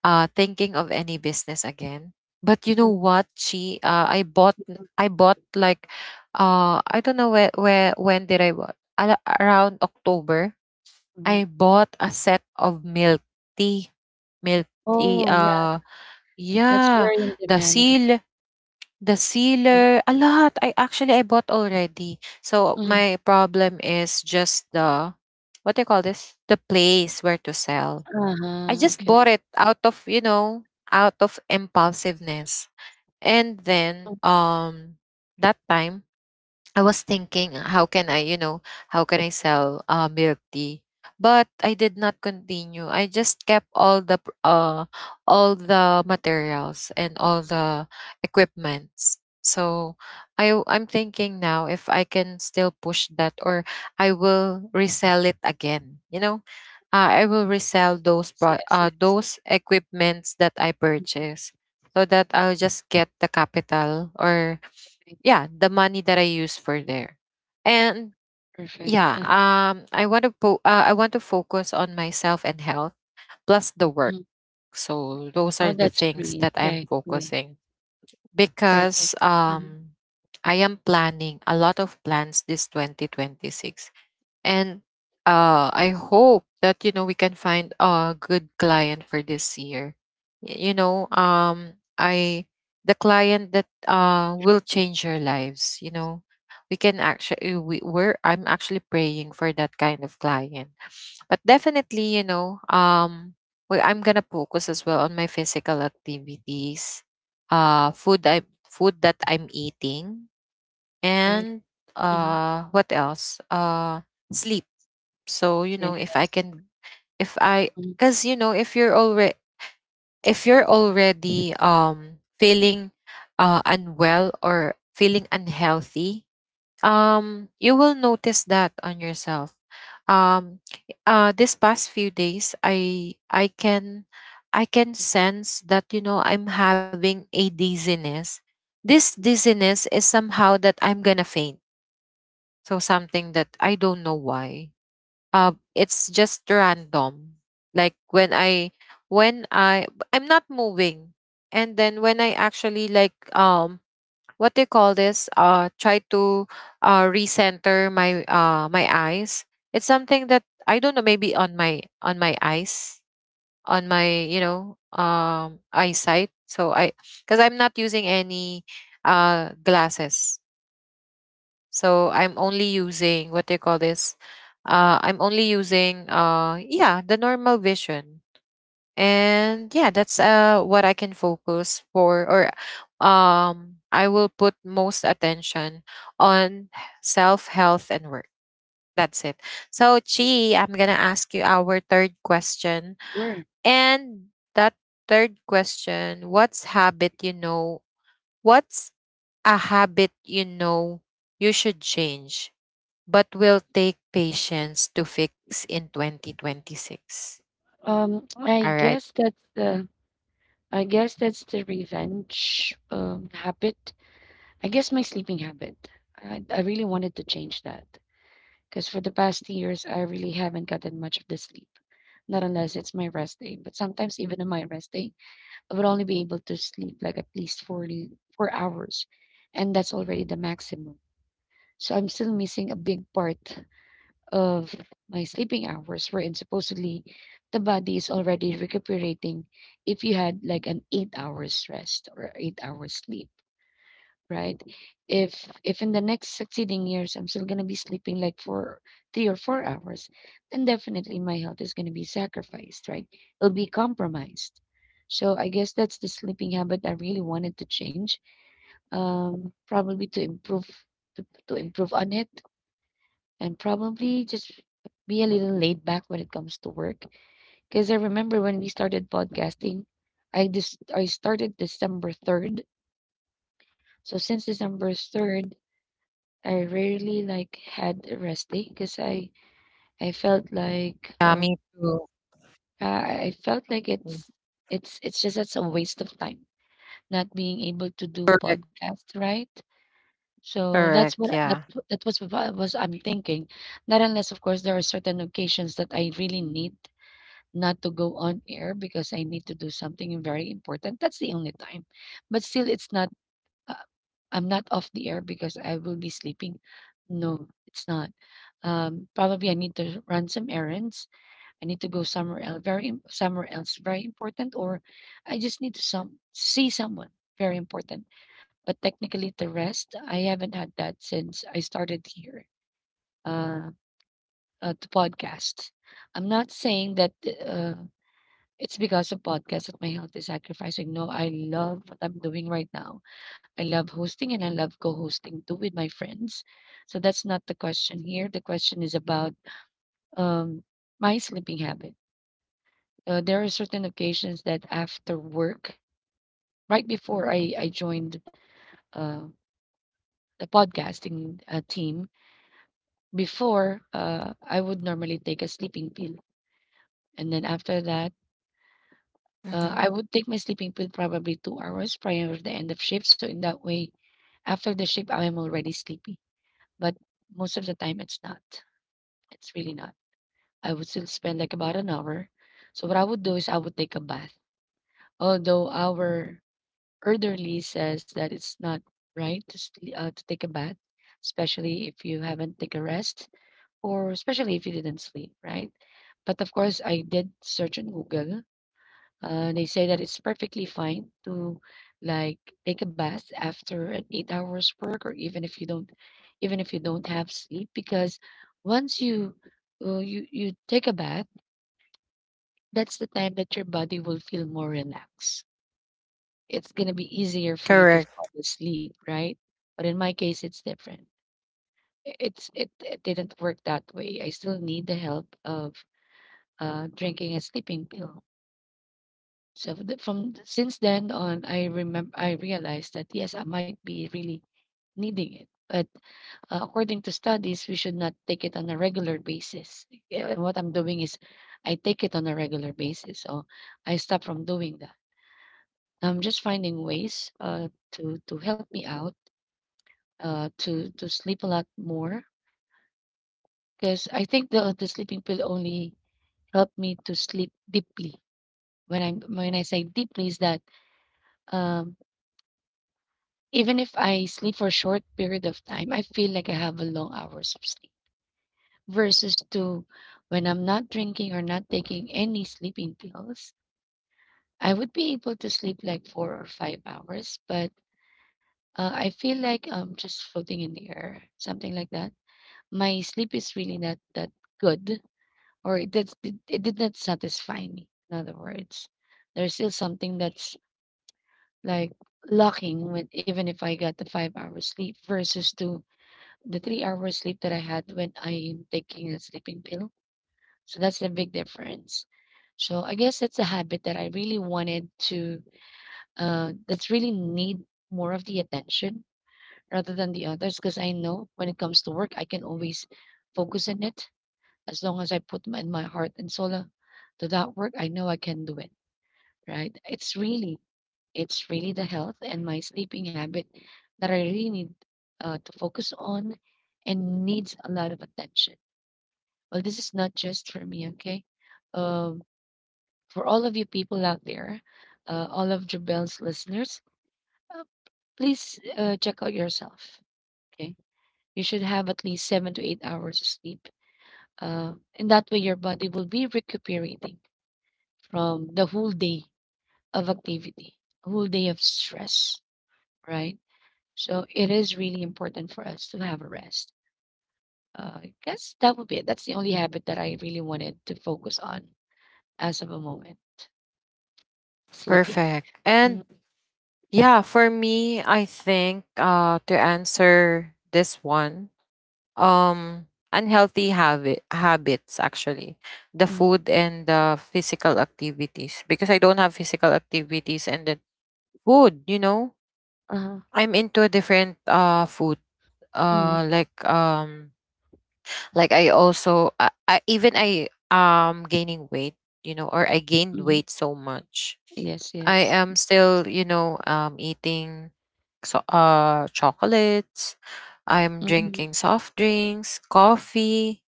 [SPEAKER 1] thinking of any business again. But you know
[SPEAKER 2] mm,
[SPEAKER 1] what,
[SPEAKER 2] mm,
[SPEAKER 1] I bought like, I don't know where, when did I bought? Around October, I
[SPEAKER 2] mhm.
[SPEAKER 1] bought a set of milk tea, milk tea.
[SPEAKER 2] Oh, yeah, that's
[SPEAKER 1] Yeah,
[SPEAKER 2] very in
[SPEAKER 1] the
[SPEAKER 2] demand,
[SPEAKER 1] seal, the
[SPEAKER 2] right?
[SPEAKER 1] sealer, a lot. I bought already. So
[SPEAKER 2] Mm,
[SPEAKER 1] my problem is just the, what do you call this? The place where to sell. I
[SPEAKER 2] uh-huh,
[SPEAKER 1] just
[SPEAKER 2] okay.
[SPEAKER 1] bought it out of, you know, out of impulsiveness. And
[SPEAKER 2] Oh,
[SPEAKER 1] then that time I was thinking, how can I, you know, how can I sell milk tea? But I did not continue. I just kept all the all the materials and all the equipments. So I'm thinking now if I can still push that or I will resell it again. You know, I will resell those
[SPEAKER 2] yes, yes, yes.
[SPEAKER 1] those equipments that I purchase so that I'll just get the capital or
[SPEAKER 2] Okay,
[SPEAKER 1] yeah the money that I use for there. And
[SPEAKER 2] perfect.
[SPEAKER 1] yeah, I want to I want to focus on myself and health plus the work.
[SPEAKER 2] Mhm.
[SPEAKER 1] So those
[SPEAKER 2] Oh,
[SPEAKER 1] are the
[SPEAKER 2] that's
[SPEAKER 1] things
[SPEAKER 2] 3,
[SPEAKER 1] that I'm
[SPEAKER 2] okay, okay,
[SPEAKER 1] focusing,
[SPEAKER 2] perfect.
[SPEAKER 1] because
[SPEAKER 2] Mhm,
[SPEAKER 1] I am planning a lot of plans this 2026. And I hope that, you know, we can find a good client for this year. You know, I the client that will change your lives. You know, we can actually we we're I'm actually praying for that kind of client. But definitely, you know, I'm gonna focus as well on my physical activities, uh, food I food that I'm eating,
[SPEAKER 2] right?
[SPEAKER 1] and
[SPEAKER 2] Mhm,
[SPEAKER 1] what else? Sleep. So, you know, if I
[SPEAKER 2] yes.
[SPEAKER 1] can if I
[SPEAKER 2] Mhm,
[SPEAKER 1] cuz you know, if you're already, if you're already feeling unwell or feeling unhealthy, you will notice that on yourself. Um this past few days I can sense that, you know, I'm having a dizziness. This dizziness is somehow that I'm going to faint. So something that I don't know why, it's just random. Like when I, when I I'm not moving, and then when I actually, like, what do you call this try to recenter my my eyes. It's something that I don't know, maybe on my, on my eyes, on my, you know, eyesight. So I, because I'm not using any glasses. So I'm only using what do you call this I'm only using yeah the normal vision and yeah that's what I can focus for or I will put most attention on self health and work. That's it. So Chi, I'm gonna ask you our third question.
[SPEAKER 2] sure.
[SPEAKER 1] And that Third question: what's a habit you should change but will take patience to fix in 2026. All
[SPEAKER 2] I
[SPEAKER 1] right.
[SPEAKER 2] guess that's the revenge habit. I guess my sleeping habit. I really wanted to change that. Because for the past years, I really haven't gotten much of the sleep. Not unless it's my rest day. But sometimes, even on my rest day, I would only be able to sleep like at least 40, 4 hours. And that's already the maximum. So I'm still missing a big part of my sleeping hours, wherein supposedly the body is already recuperating if you had like an 8 hours rest or 8 hours sleep, right? If in the next succeeding years I'm still gonna be sleeping like for 3 or 4 hours, then definitely my health is gonna be sacrificed, right? It'll be compromised. So I guess that's the sleeping habit I really wanted to change. Probably to improve to improve on it, and probably just be a little laid back when it comes to work. Because I remember when we started podcasting, I started December 3rd. So since December 3rd, I rarely like had a rest day because I felt
[SPEAKER 1] Yeah,
[SPEAKER 2] like
[SPEAKER 1] me
[SPEAKER 2] um
[SPEAKER 1] too.
[SPEAKER 2] I felt like
[SPEAKER 1] Mm.
[SPEAKER 2] it's just that's a waste of time not being able to do
[SPEAKER 1] Cor-
[SPEAKER 2] podcast, right. So
[SPEAKER 1] Correct.
[SPEAKER 2] that's what
[SPEAKER 1] Yeah.
[SPEAKER 2] that that was what I'm thinking. Not unless of course there are certain occasions that I really need not to go on air because I need to do something very important. That's the only time. But still, it's not, uh, I'm not off the air because I will be sleeping. No, it's not. Probably I need to run some errands. I need to go somewhere else, somewhere else, very important, or I just need to some see someone very important. But technically, the rest I haven't had that since I started here uh, to podcast. I'm not saying that. Uh, it's because of podcasts that my health is sacrificing. No, I love what I'm doing right now. I love hosting and I love co-hosting too with my friends. So that's not the question here. The question is about um my sleeping habit. There are certain occasions that after work, right before I joined uh the podcasting team, before I would normally take a sleeping pill, and then after that.
[SPEAKER 1] hmm
[SPEAKER 2] I would take my sleeping pill probably 2 hours prior to the end of shift. So in that way, after the shift, I am already sleepy, but most of the time it's not. It's really not. I would still spend like about an hour. So what I would do is I would take a bath. Although our elderly says that it's not right to sleep to take a bath, especially if you haven't take a rest or especially if you didn't sleep, right? But of course, I did search on Google. They say that it's perfectly fine to like take a bath after an 8 hours work or even if you don't have sleep, because once you you you take a bath, that's the time that your body will feel more relaxed. It's going to be easier for you to fall
[SPEAKER 1] Correct.
[SPEAKER 2] asleep, right? But in my case it's different. It didn't work that way. I still need the help of drinking a sleeping pill. So since then on, I remember I realized that yes, I might be really needing it. But according to studies, we should not take it on a regular basis. Yeah, and what I'm doing is, I take it on a regular basis, so I stop from doing that. I'm just finding ways to help me out to sleep a lot more, because I think the sleeping pill only helped me to sleep deeply. When I say deeply is that, um, even if I sleep for a short period of time, I feel like I have a long hours of sleep versus to when I'm not drinking or not taking any sleeping pills, I would be able to sleep like 4 or 5 hours, but I feel like I'm just floating in the air, something like that. My sleep is really not that good, or it did not satisfy me. In other words, there's still something that's like lacking, when, even if I got the 5 hours sleep versus to the 3 hours sleep that I had when I'm taking a sleeping pill. So that's the big difference. So I guess that's a habit that I really wanted to, that's really need more of the attention rather than the others, because I know when it comes to work, I can always focus on it as long as I put my, my heart and soul to that work. I know I can do it, right? It's really the health and my sleeping habit that I really need to focus on, and needs a lot of attention. Well, this is not just for me, okay? Um, for all of you people out there, all of Jubel's listeners, uh, please check out yourself, okay? You should have at least 7 to 8 hours of sleep. And that way, your body will be recuperating from the whole day of activity, whole day of stress, right? So it is really important for us to have a rest. I guess that would be it. That's the only habit that I really wanted to focus on as of a moment. Sleeping.
[SPEAKER 1] Perfect. And
[SPEAKER 2] Mm,
[SPEAKER 1] yeah, for me, I think to answer this one, um unhealthy habits actually. The
[SPEAKER 2] mhm,
[SPEAKER 1] food and the physical activities, because I don't have physical activities, and then food, you know.
[SPEAKER 2] uh-huh,
[SPEAKER 1] I'm into a different food
[SPEAKER 2] mhm,
[SPEAKER 1] uh like um like I also I even I gaining weight, you know, or I gained
[SPEAKER 2] mhm.
[SPEAKER 1] weight so much.
[SPEAKER 2] Yes,
[SPEAKER 1] I
[SPEAKER 2] yes.
[SPEAKER 1] am still, you know, eating so chocolates. I'm
[SPEAKER 2] Mhm,
[SPEAKER 1] drinking soft drinks, coffee.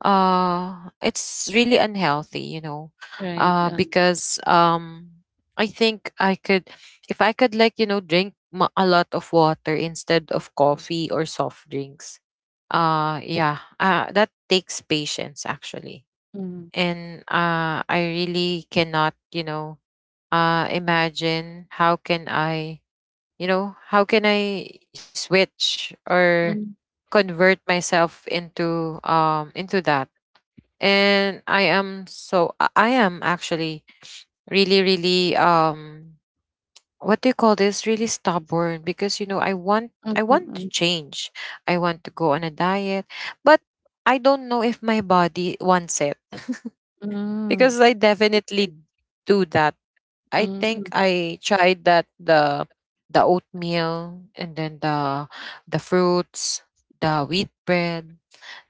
[SPEAKER 1] It's really unhealthy, you know.
[SPEAKER 2] right, uh.
[SPEAKER 1] Because I think I could, if I could, like, you know, drink a lot of water instead of coffee or soft drinks. Yeah that takes patience actually.
[SPEAKER 2] Mhm,
[SPEAKER 1] And I really cannot, you know, imagine how can I, you know, how can I switch or
[SPEAKER 2] mm,
[SPEAKER 1] convert myself into that. And I am, so I am actually really really what do you call this really stubborn, because you know,
[SPEAKER 2] mm,
[SPEAKER 1] I want
[SPEAKER 2] mm,
[SPEAKER 1] to change. I want to go on a diet, but I don't know if my body wants it,
[SPEAKER 2] mm, mm.
[SPEAKER 1] because I definitely
[SPEAKER 2] Right.
[SPEAKER 1] do that.
[SPEAKER 2] Mm,
[SPEAKER 1] I think
[SPEAKER 2] mhm,
[SPEAKER 1] I tried that, the oatmeal, and then the fruits, the wheat bread.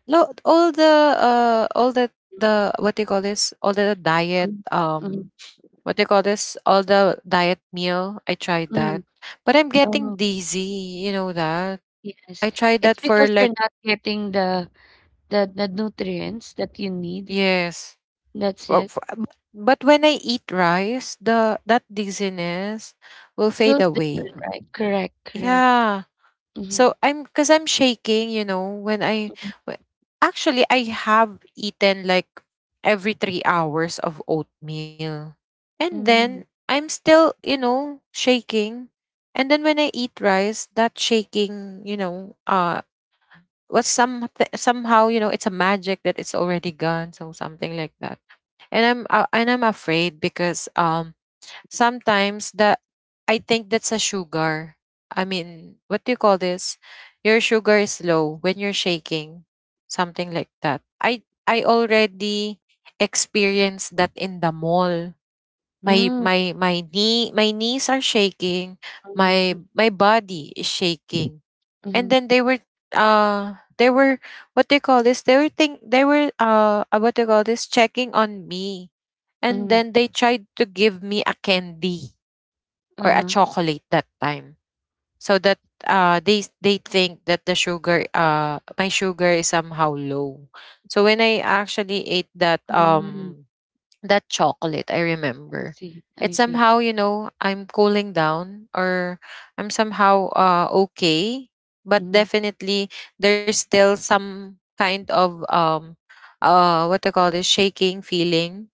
[SPEAKER 1] No, all the what do you call this? all the diet,
[SPEAKER 2] mm, mm,
[SPEAKER 1] what do you call this? all the diet meal. I tried that.
[SPEAKER 2] mm.
[SPEAKER 1] But I'm getting
[SPEAKER 2] Oh,
[SPEAKER 1] dizzy, you know that.
[SPEAKER 2] yes.
[SPEAKER 1] I tried
[SPEAKER 2] It's
[SPEAKER 1] that
[SPEAKER 2] because
[SPEAKER 1] for
[SPEAKER 2] you're
[SPEAKER 1] like,
[SPEAKER 2] not getting the the nutrients that you need.
[SPEAKER 1] yes.
[SPEAKER 2] That's
[SPEAKER 1] for-
[SPEAKER 2] it.
[SPEAKER 1] for- But but when I eat rice, the that dizziness will fade
[SPEAKER 2] Feels
[SPEAKER 1] away.
[SPEAKER 2] different, right? Correct, correct.
[SPEAKER 1] Yeah.
[SPEAKER 2] Mhm,
[SPEAKER 1] So I'm, because I'm shaking, you know,
[SPEAKER 2] mhm,
[SPEAKER 1] wh- actually I have eaten like every 3 hours of oatmeal. And
[SPEAKER 2] mm,
[SPEAKER 1] then I'm still, you know, shaking. And then when I eat rice, that shaking, you know, was some somehow, you know, it's a magic that it's already gone. So something like that. And I'm afraid because sometimes the I think that's a sugar. I mean, what do you call this? Your sugar is low when you're shaking, something like that. I already experienced that in the mall. My
[SPEAKER 2] mm,
[SPEAKER 1] my my knee my knees are shaking.
[SPEAKER 2] mm,
[SPEAKER 1] My
[SPEAKER 2] mm,
[SPEAKER 1] my body is shaking
[SPEAKER 2] mm,
[SPEAKER 1] and then they were what they call this they were think they were what they call this checking on me, and
[SPEAKER 2] mm.
[SPEAKER 1] then they tried to give me a candy or a
[SPEAKER 2] Uh-huh.
[SPEAKER 1] chocolate that time, so that they think that the sugar my sugar is somehow low. So when I actually ate that
[SPEAKER 2] Mm,
[SPEAKER 1] that chocolate, I
[SPEAKER 2] I
[SPEAKER 1] remember,
[SPEAKER 2] see, I
[SPEAKER 1] it's
[SPEAKER 2] see.
[SPEAKER 1] somehow, you know, I'm cooling down, or I'm somehow okay. But
[SPEAKER 2] Mm.
[SPEAKER 1] definitely, there's still some kind of what do you call this, shaking feeling.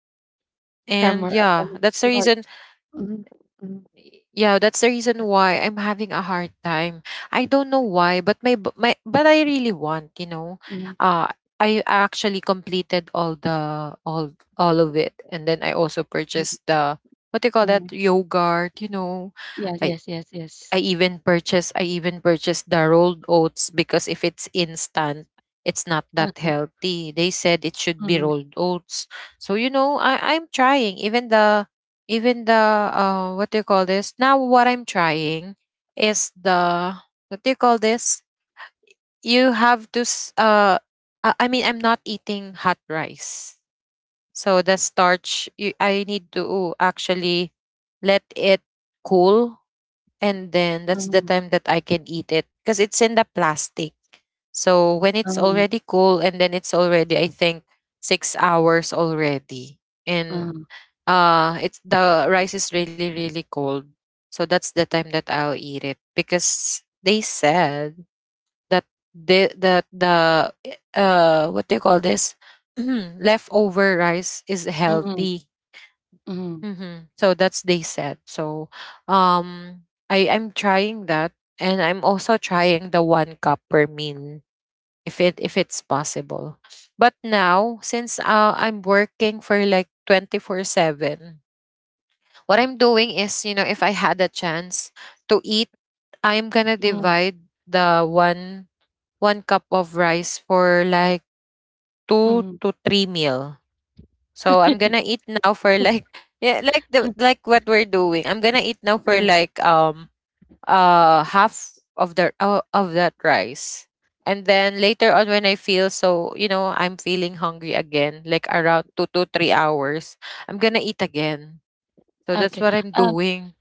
[SPEAKER 1] And
[SPEAKER 2] Cramer,
[SPEAKER 1] yeah, that's the
[SPEAKER 2] to
[SPEAKER 1] reason,
[SPEAKER 2] hearts. Mhm, mhm,
[SPEAKER 1] yeah, that's the reason why I'm having a hard time. I don't know why, but my b- my but I really want, you know,
[SPEAKER 2] mhm,
[SPEAKER 1] uh I actually completed all the all of it, and then I also
[SPEAKER 2] mhm,
[SPEAKER 1] purchased the, what do you call that,
[SPEAKER 2] mhm.
[SPEAKER 1] yogurt, you know.
[SPEAKER 2] Yes,
[SPEAKER 1] i
[SPEAKER 2] yes, yes, yes.
[SPEAKER 1] I even purchase the rolled oats, because if it's instant, it's not that
[SPEAKER 2] Uh-huh.
[SPEAKER 1] healthy. They said it should be
[SPEAKER 2] Mhm,
[SPEAKER 1] rolled oats. So you know, I'm trying even the what do you call this? Now what I'm trying is the what do you call this? you have to s- I mean, I'm not eating hot rice. So the starch, I need to actually let it cool, and then that's the
[SPEAKER 2] mhm,
[SPEAKER 1] time that I can eat it, because it's in the plastic. So when it's
[SPEAKER 2] mhm,
[SPEAKER 1] already cool, and then it's already, I think, 6 hours already, and
[SPEAKER 2] mhm,
[SPEAKER 1] it's, the rice is really really cold. So that's the time that I'll eat it, because they said that that the eh, what do you call this leftover rice is
[SPEAKER 2] mhm,
[SPEAKER 1] healthy.
[SPEAKER 2] mhm,
[SPEAKER 1] Mm-hmm. So that's, they said. So um I I'm trying that, and I'm also trying the one cup per meal, if it's possible. But now since I'm working for like 24/7, what I'm doing is, you know, if I had a chance to eat, I'm going to
[SPEAKER 2] mhm,
[SPEAKER 1] divide the one one cup of rice for like two
[SPEAKER 2] mhm.
[SPEAKER 1] to three meal. So I'm gonna eat now for like, yeah, like the, like what we're doing. I'm gonna eat now for
[SPEAKER 2] Uh,
[SPEAKER 1] like half of the of that rice. And then later on when I feel so, you know, I'm feeling hungry again, like around 2 to 3 hours, I'm gonna eat again. So that's
[SPEAKER 2] okay.
[SPEAKER 1] what I'm
[SPEAKER 2] Um,
[SPEAKER 1] doing.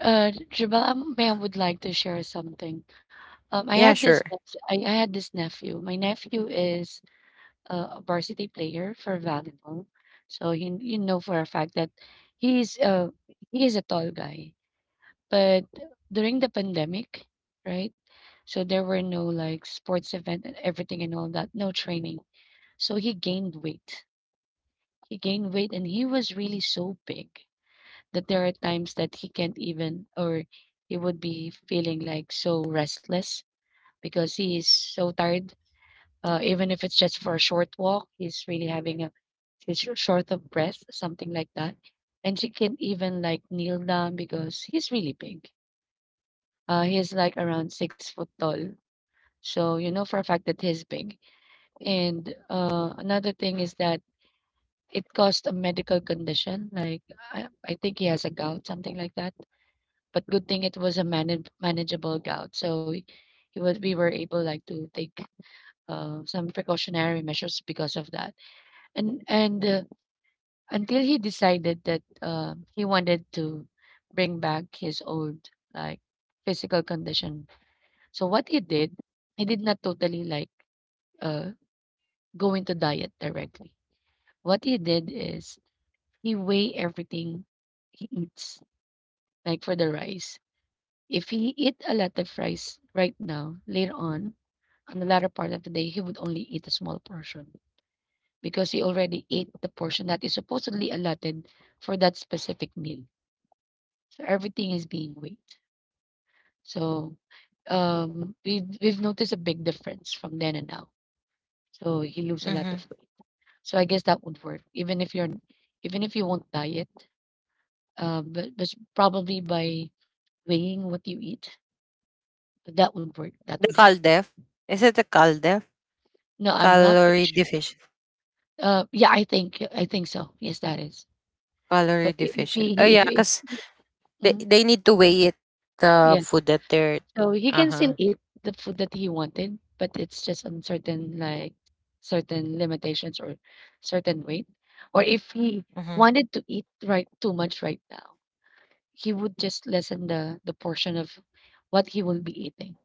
[SPEAKER 2] Jabal, may I would like to share something. I had
[SPEAKER 1] Yeah,
[SPEAKER 2] this,
[SPEAKER 1] sure.
[SPEAKER 2] I had this nephew. My nephew is a varsity player for volleyball, so you know for a fact that he's uh he is a tall guy. But during the pandemic, right? So there were no like sports event and everything and all that, no training. So he gained weight. He gained weight and he was really so big that there are times that he can't even, or he would be feeling like so restless because he is so tired. Even if it's just for a short walk, he's really having a short of breath, something like that. And she can't even like kneel down because he's really big. He's like around 6-foot tall. So you know for a fact that he's big. And another thing is that it caused a medical condition. Like I think he has a gout, something like that. But good thing it was a manageable gout. So he was we were able like to take some precautionary measures because of that. And until he decided that he wanted to bring back his old like physical condition. So what he did not totally like uh go into diet directly. What he did is he weigh everything he eats, like for the rice. If he eat a lot of rice right now, later on the latter part of the day, he would only eat a small portion because he already ate the portion that is supposedly allotted for that specific meal. So everything is being weighed. So we've noticed a big difference from then and now. So he lose a
[SPEAKER 1] Mm-hmm.
[SPEAKER 2] lot of weight. So I guess that would work, even if you won't diet, but probably by weighing what you eat, that would work. That
[SPEAKER 1] The
[SPEAKER 2] would help.
[SPEAKER 1] caldef. Is it the caldef?
[SPEAKER 2] No, I'm not pretty
[SPEAKER 1] Calorie
[SPEAKER 2] sure.
[SPEAKER 1] deficient.
[SPEAKER 2] Yeah, I think so. Yes, that is.
[SPEAKER 1] Calorie
[SPEAKER 2] But
[SPEAKER 1] deficient. Oh yeah,
[SPEAKER 2] if
[SPEAKER 1] because
[SPEAKER 2] he mhm,
[SPEAKER 1] they need to weigh it, the
[SPEAKER 2] yes,
[SPEAKER 1] food that they're,
[SPEAKER 2] so he can
[SPEAKER 1] uh-huh.
[SPEAKER 2] still eat the food that he wanted, but it's just on certain like certain limitations or certain weight, or if he
[SPEAKER 1] Mm-hmm.
[SPEAKER 2] wanted to eat right too much right now. He would just lessen the portion of what he will be eating,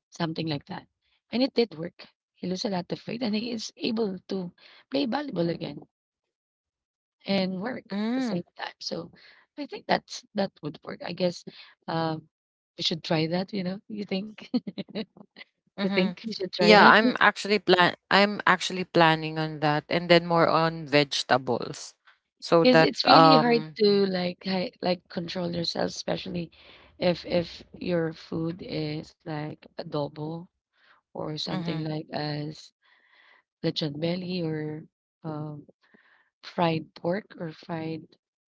[SPEAKER 2] something like that. And it did work. He lose a lot of weight and he is able to play volleyball again and work at the
[SPEAKER 1] Mm,
[SPEAKER 2] same time. So I think that's that would work. I guess um we should try that, you know. You think, you
[SPEAKER 1] mm-hmm.
[SPEAKER 2] think we should try
[SPEAKER 1] Yeah,
[SPEAKER 2] that?
[SPEAKER 1] I'm actually planning on that, and then more on vegetables. So
[SPEAKER 2] Because
[SPEAKER 1] that
[SPEAKER 2] it's really hard to like like control yourself, especially if your food is like adobo or something
[SPEAKER 1] mm-hmm.
[SPEAKER 2] like as lechon belly or um, fried pork or fried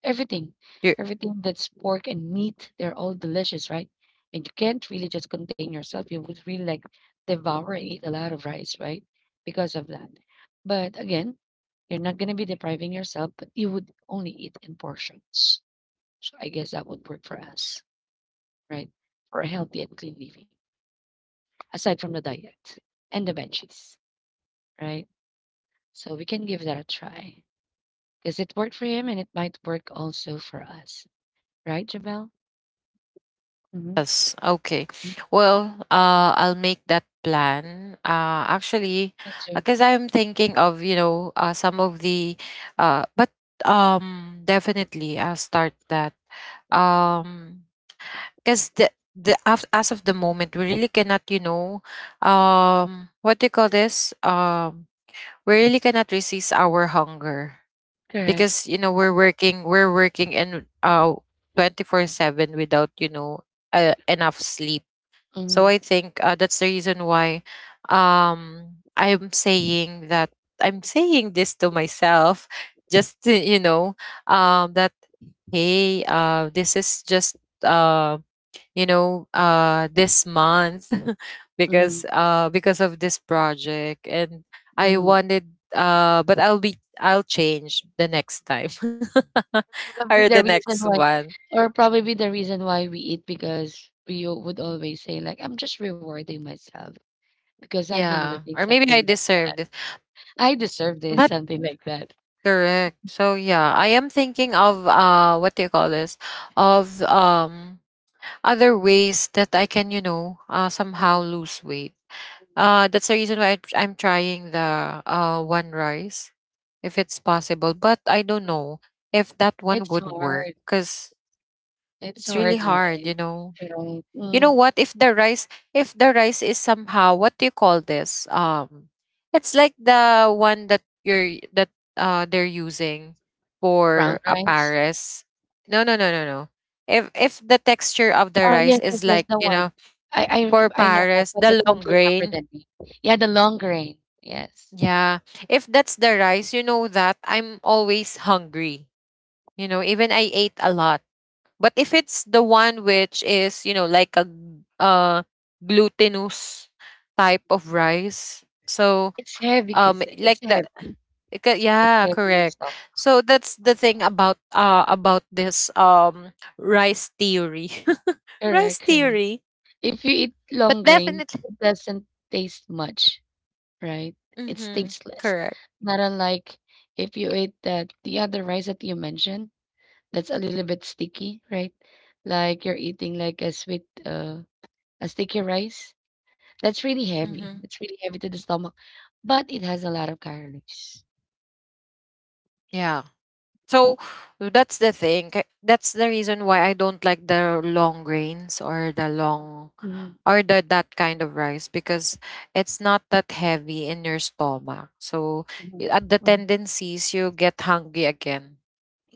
[SPEAKER 2] everything, everything that's pork and meat. They're all delicious, right? And you can't really just contain yourself. You would really like devour and eat a lot of rice, right? Because of that. But again, you're not going to be depriving yourself, but you would only eat in portions. So I guess that would work for us, right? For a healthy and clean living, aside from the diet and the benches, right? So we can give that a try. 'Cause it worked for him and it might work also for us. Right, Jamel? Mhm.
[SPEAKER 1] Yes, okay.
[SPEAKER 2] Mm.
[SPEAKER 1] Well, I'll make that plan. Actually,
[SPEAKER 2] Me too.
[SPEAKER 1] because I'm thinking of, you know, some of the, but definitely I'll start that. Um Because as of the moment, we really cannot, you know, what do you call this? We really cannot resist our hunger,
[SPEAKER 2] Correct.
[SPEAKER 1] because you know, we're working in 24/7, without, you know, enough sleep. So
[SPEAKER 2] Mhm,
[SPEAKER 1] I think that's the reason why um I'm saying that I'm saying this to myself, just to, you know, that hey, this is just um you know, this month,
[SPEAKER 2] mhm,
[SPEAKER 1] because of this project, and I
[SPEAKER 2] mhm.
[SPEAKER 1] wanted, but I'll, be I'll change the next time,
[SPEAKER 2] Probably
[SPEAKER 1] or
[SPEAKER 2] the
[SPEAKER 1] the
[SPEAKER 2] reason
[SPEAKER 1] next
[SPEAKER 2] why
[SPEAKER 1] one.
[SPEAKER 2] Probably the reason why we eat, because we al would always say like, "I'm just rewarding myself because I've been
[SPEAKER 1] Yeah,
[SPEAKER 2] working,"
[SPEAKER 1] or maybe I
[SPEAKER 2] something like that.
[SPEAKER 1] deserve it.
[SPEAKER 2] "I deserve this,"
[SPEAKER 1] But
[SPEAKER 2] something like that.
[SPEAKER 1] correct. So yeah, I am thinking of, what do you call this of other ways that I can, you know, somehow
[SPEAKER 2] Mhm,
[SPEAKER 1] lose weight.
[SPEAKER 2] mhm.
[SPEAKER 1] That's the reason why I'm trying the one rice, if it's possible. But I don't know if that one
[SPEAKER 2] It's
[SPEAKER 1] would work,
[SPEAKER 2] hard.
[SPEAKER 1] because
[SPEAKER 2] It's
[SPEAKER 1] it's really
[SPEAKER 2] hard,
[SPEAKER 1] hard,
[SPEAKER 2] right?
[SPEAKER 1] you know.
[SPEAKER 2] Right.
[SPEAKER 1] You know
[SPEAKER 2] Mm,
[SPEAKER 1] what? If the rice is somehow, what do you call this? It's like the one that you're that they're using
[SPEAKER 2] brown
[SPEAKER 1] for a
[SPEAKER 2] rice.
[SPEAKER 1] Paris. No, no, no, no, no. If the texture of the
[SPEAKER 2] Oh,
[SPEAKER 1] rice
[SPEAKER 2] yes, yes,
[SPEAKER 1] is
[SPEAKER 2] yes,
[SPEAKER 1] like,
[SPEAKER 2] the
[SPEAKER 1] you
[SPEAKER 2] one.
[SPEAKER 1] know,
[SPEAKER 2] I
[SPEAKER 1] for
[SPEAKER 2] I I know that,
[SPEAKER 1] Paris,
[SPEAKER 2] but I
[SPEAKER 1] the
[SPEAKER 2] can't
[SPEAKER 1] long
[SPEAKER 2] remember the
[SPEAKER 1] grain.
[SPEAKER 2] name. Yeah, the long grain. Yes.
[SPEAKER 1] Yeah. If that's the rice, you know that I'm always hungry. You know, even I ate a lot. But if it's the one which is, you know, like glutinous type of rice. So
[SPEAKER 2] It's heavy
[SPEAKER 1] um
[SPEAKER 2] because
[SPEAKER 1] like
[SPEAKER 2] it's
[SPEAKER 1] the
[SPEAKER 2] heavy. It's
[SPEAKER 1] yeah,
[SPEAKER 2] heavy in the
[SPEAKER 1] correct.
[SPEAKER 2] stomach.
[SPEAKER 1] So that's the thing about this rice theory. rice
[SPEAKER 2] Correct, correct.
[SPEAKER 1] theory.
[SPEAKER 2] If you eat
[SPEAKER 1] But
[SPEAKER 2] long grain,
[SPEAKER 1] definitely.
[SPEAKER 2] it doesn't taste much, right? It's
[SPEAKER 1] Mhm.
[SPEAKER 2] tasteless.
[SPEAKER 1] Correct.
[SPEAKER 2] Not unlike if you eat that the other rice that you mentioned, that's a little bit sticky, right? Like you're eating like a sweet a sticky rice. That's really heavy.
[SPEAKER 1] Mhm.
[SPEAKER 2] That's really heavy to the stomach, but it has a lot of calories.
[SPEAKER 1] Yeah. So that's the thing. That's the reason why I don't like the long grains, or the long,
[SPEAKER 2] Mhm,
[SPEAKER 1] or the that kind of rice, because it's not that heavy in your stomach. So
[SPEAKER 2] mhm,
[SPEAKER 1] at the
[SPEAKER 2] mhm.
[SPEAKER 1] tendencies you get hungry again.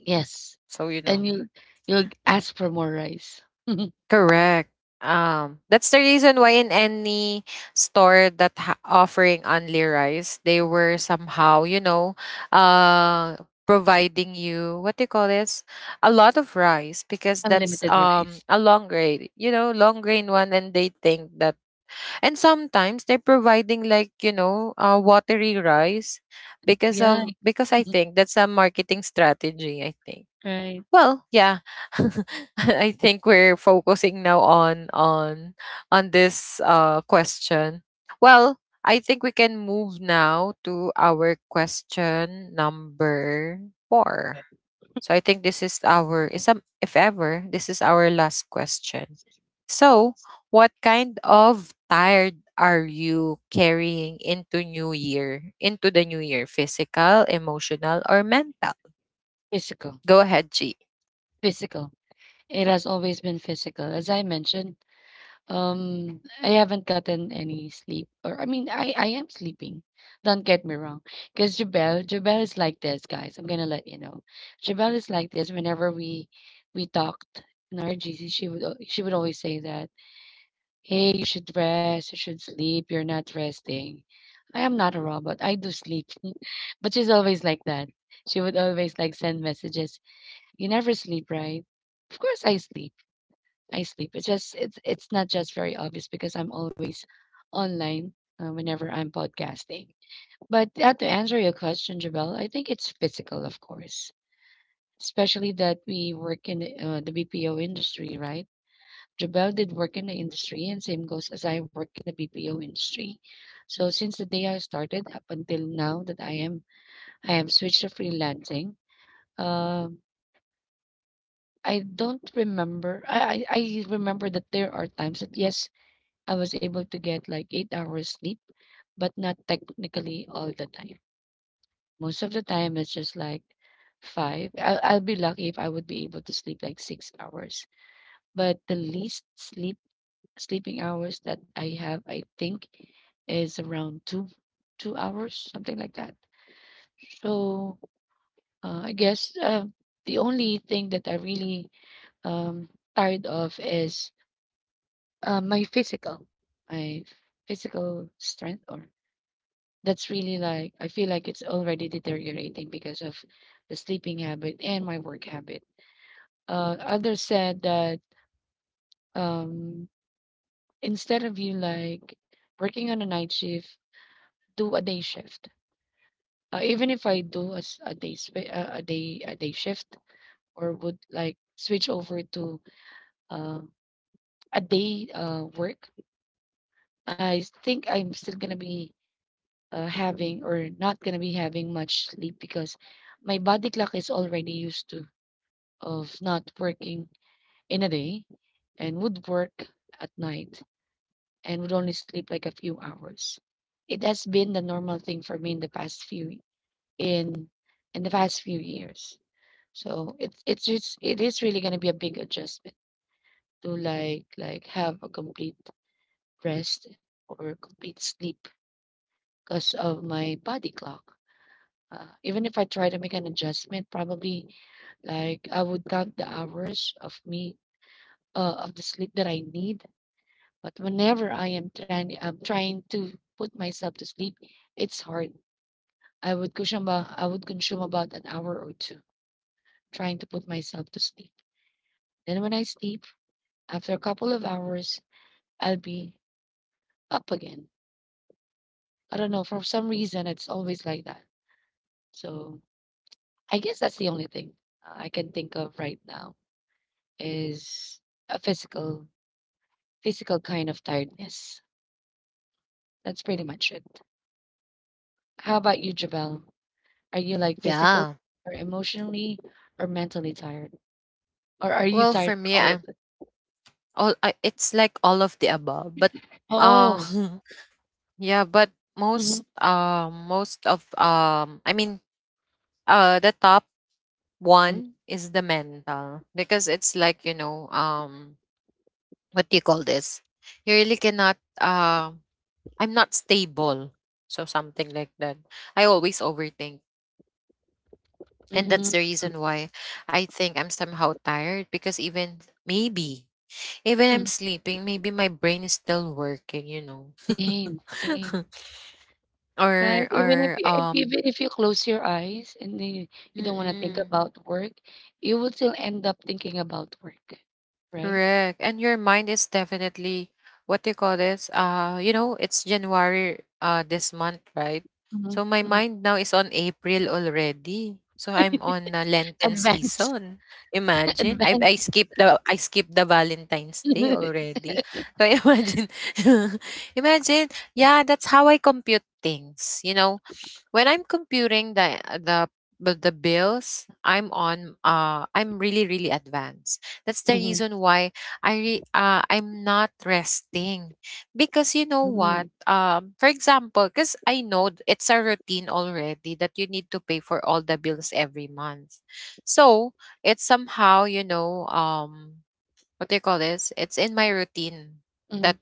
[SPEAKER 2] Yes,
[SPEAKER 1] So you
[SPEAKER 2] and
[SPEAKER 1] know.
[SPEAKER 2] you'll ask for more rice.
[SPEAKER 1] Correct. That's the reason why in any store that offering only rice, they were somehow, you know, uh, providing you, what do you call this, a lot of rice, because that's
[SPEAKER 2] Unlimited rice.
[SPEAKER 1] a long grain, you know, long grain one, and they think that, and sometimes they're providing like, you know, watery rice, because
[SPEAKER 2] Yeah,
[SPEAKER 1] of, because I think that's a marketing strategy, I think.
[SPEAKER 2] right.
[SPEAKER 1] Well, yeah. I think we're focusing now on on this question. Well, I think we can move now to our question number 4. So I think this is our, is some, if ever, this is our last question. So, what kind of tired are you carrying into new year? Into the new year, physical, emotional or mental?
[SPEAKER 2] Physical,
[SPEAKER 1] Go ahead, G.
[SPEAKER 2] physical. It has always been physical. As I mentioned, I haven't gotten any sleep. Or I mean, I am sleeping. Don't get me wrong. Because Jabel is like this, guys. I'm gonna let you know. Jabel is like this whenever we talked in our GC, she would always say that, hey, you should rest, you should sleep, you're not resting. I am not a robot. I do sleep. But she's always like that. She would always like send messages. You never sleep, right? Of course I sleep. I sleep. It's just it's not just very obvious, because I'm always online whenever I'm podcasting. But to answer your question, Jabel, I think it's physical, of course, especially that we work in the BPO industry, right? Jabel did work in the industry, and same goes as I work in the BPO industry. So since the day I started up until now that I have switched to freelancing. Um, I don't remember. I remember that there are times that, yes, I was able to get like 8 hours sleep, but not technically all the time. Most of the time, it's just like five. I'll be lucky if I would be able to sleep like 6 hours. But the least sleeping hours that I have, I think, is around two hours, something like that. So I guess the only thing that I really um, tired of is my my physical strength or That's really, like, I feel like it's already deteriorating because of the sleeping habit and my work habit. Others said that, um, instead of you like working on a night shift, do a day shift. Even if I do a day shift, or would like switch over to uh, a day work, I think I'm still gonna be having or not gonna be having much sleep, because my body clock is already used to of not working in a day and would work at night and would only sleep like a few hours. It has been the normal thing for me in in the past few years. So it is really gonna be a big adjustment to like have a complete rest or complete sleep because of my body clock. Even if I try to make an adjustment, probably like I would count the hours of me, of the sleep that I need. But whenever I'm trying to put myself to sleep, it's hard. I would consume, I would consume about an hour or two trying to put myself to sleep. Then when I sleep, after a couple of hours, I'll be up again. I don't know. For some reason, it's always like that. So I guess that's the only thing I can think of right now is a physical, physical kind of tiredness. That's pretty much it. How about you, Jabel? Are you like physical
[SPEAKER 1] Yeah.
[SPEAKER 2] or emotionally or mentally tired? Or are you
[SPEAKER 1] Well,
[SPEAKER 2] tired
[SPEAKER 1] for
[SPEAKER 2] for
[SPEAKER 1] me,
[SPEAKER 2] all of
[SPEAKER 1] I'm
[SPEAKER 2] it?
[SPEAKER 1] all, I, it's like all of the above, but uh
[SPEAKER 2] Oh,
[SPEAKER 1] yeah, but
[SPEAKER 2] mhm,
[SPEAKER 1] most of, I mean, the top
[SPEAKER 2] mm,
[SPEAKER 1] one is the mental, because it's like, you know, what do you call this? You really cannot, I'm not stable. So something like that. I always overthink. And that's
[SPEAKER 2] mhm,
[SPEAKER 1] the reason why I think I'm somehow tired, because even I'm
[SPEAKER 2] mhm.
[SPEAKER 1] sleeping, maybe my brain is still working, you know.
[SPEAKER 2] Same, same. Right? Even if
[SPEAKER 1] Or
[SPEAKER 2] you if even if you close your eyes, and then you don't want to think
[SPEAKER 1] Mm-mm,
[SPEAKER 2] about work, you will still end up thinking about work, right?
[SPEAKER 1] correct. And your mind is definitely, what do you call this? You know, it's January this month, right? So
[SPEAKER 2] Hmm.
[SPEAKER 1] my
[SPEAKER 2] Hmm.
[SPEAKER 1] mind now is on April already. So I'm on Lenten
[SPEAKER 2] Advance.
[SPEAKER 1] season. Imagine. I
[SPEAKER 2] Advance.
[SPEAKER 1] skipped the Valentine's Day already. So imagine. Imagine. Yeah, that's how I compute things, when I'm computing the, but the bills, I'm on I'm really advanced. That's the
[SPEAKER 2] Hmm.
[SPEAKER 1] reason why I'm not resting because you know
[SPEAKER 2] Hmm.
[SPEAKER 1] what? For example, cuz I know it's a routine already that you need to pay for all the bills every month. So, it's somehow, what do you call this? It's in my routine
[SPEAKER 2] Hmm.
[SPEAKER 1] that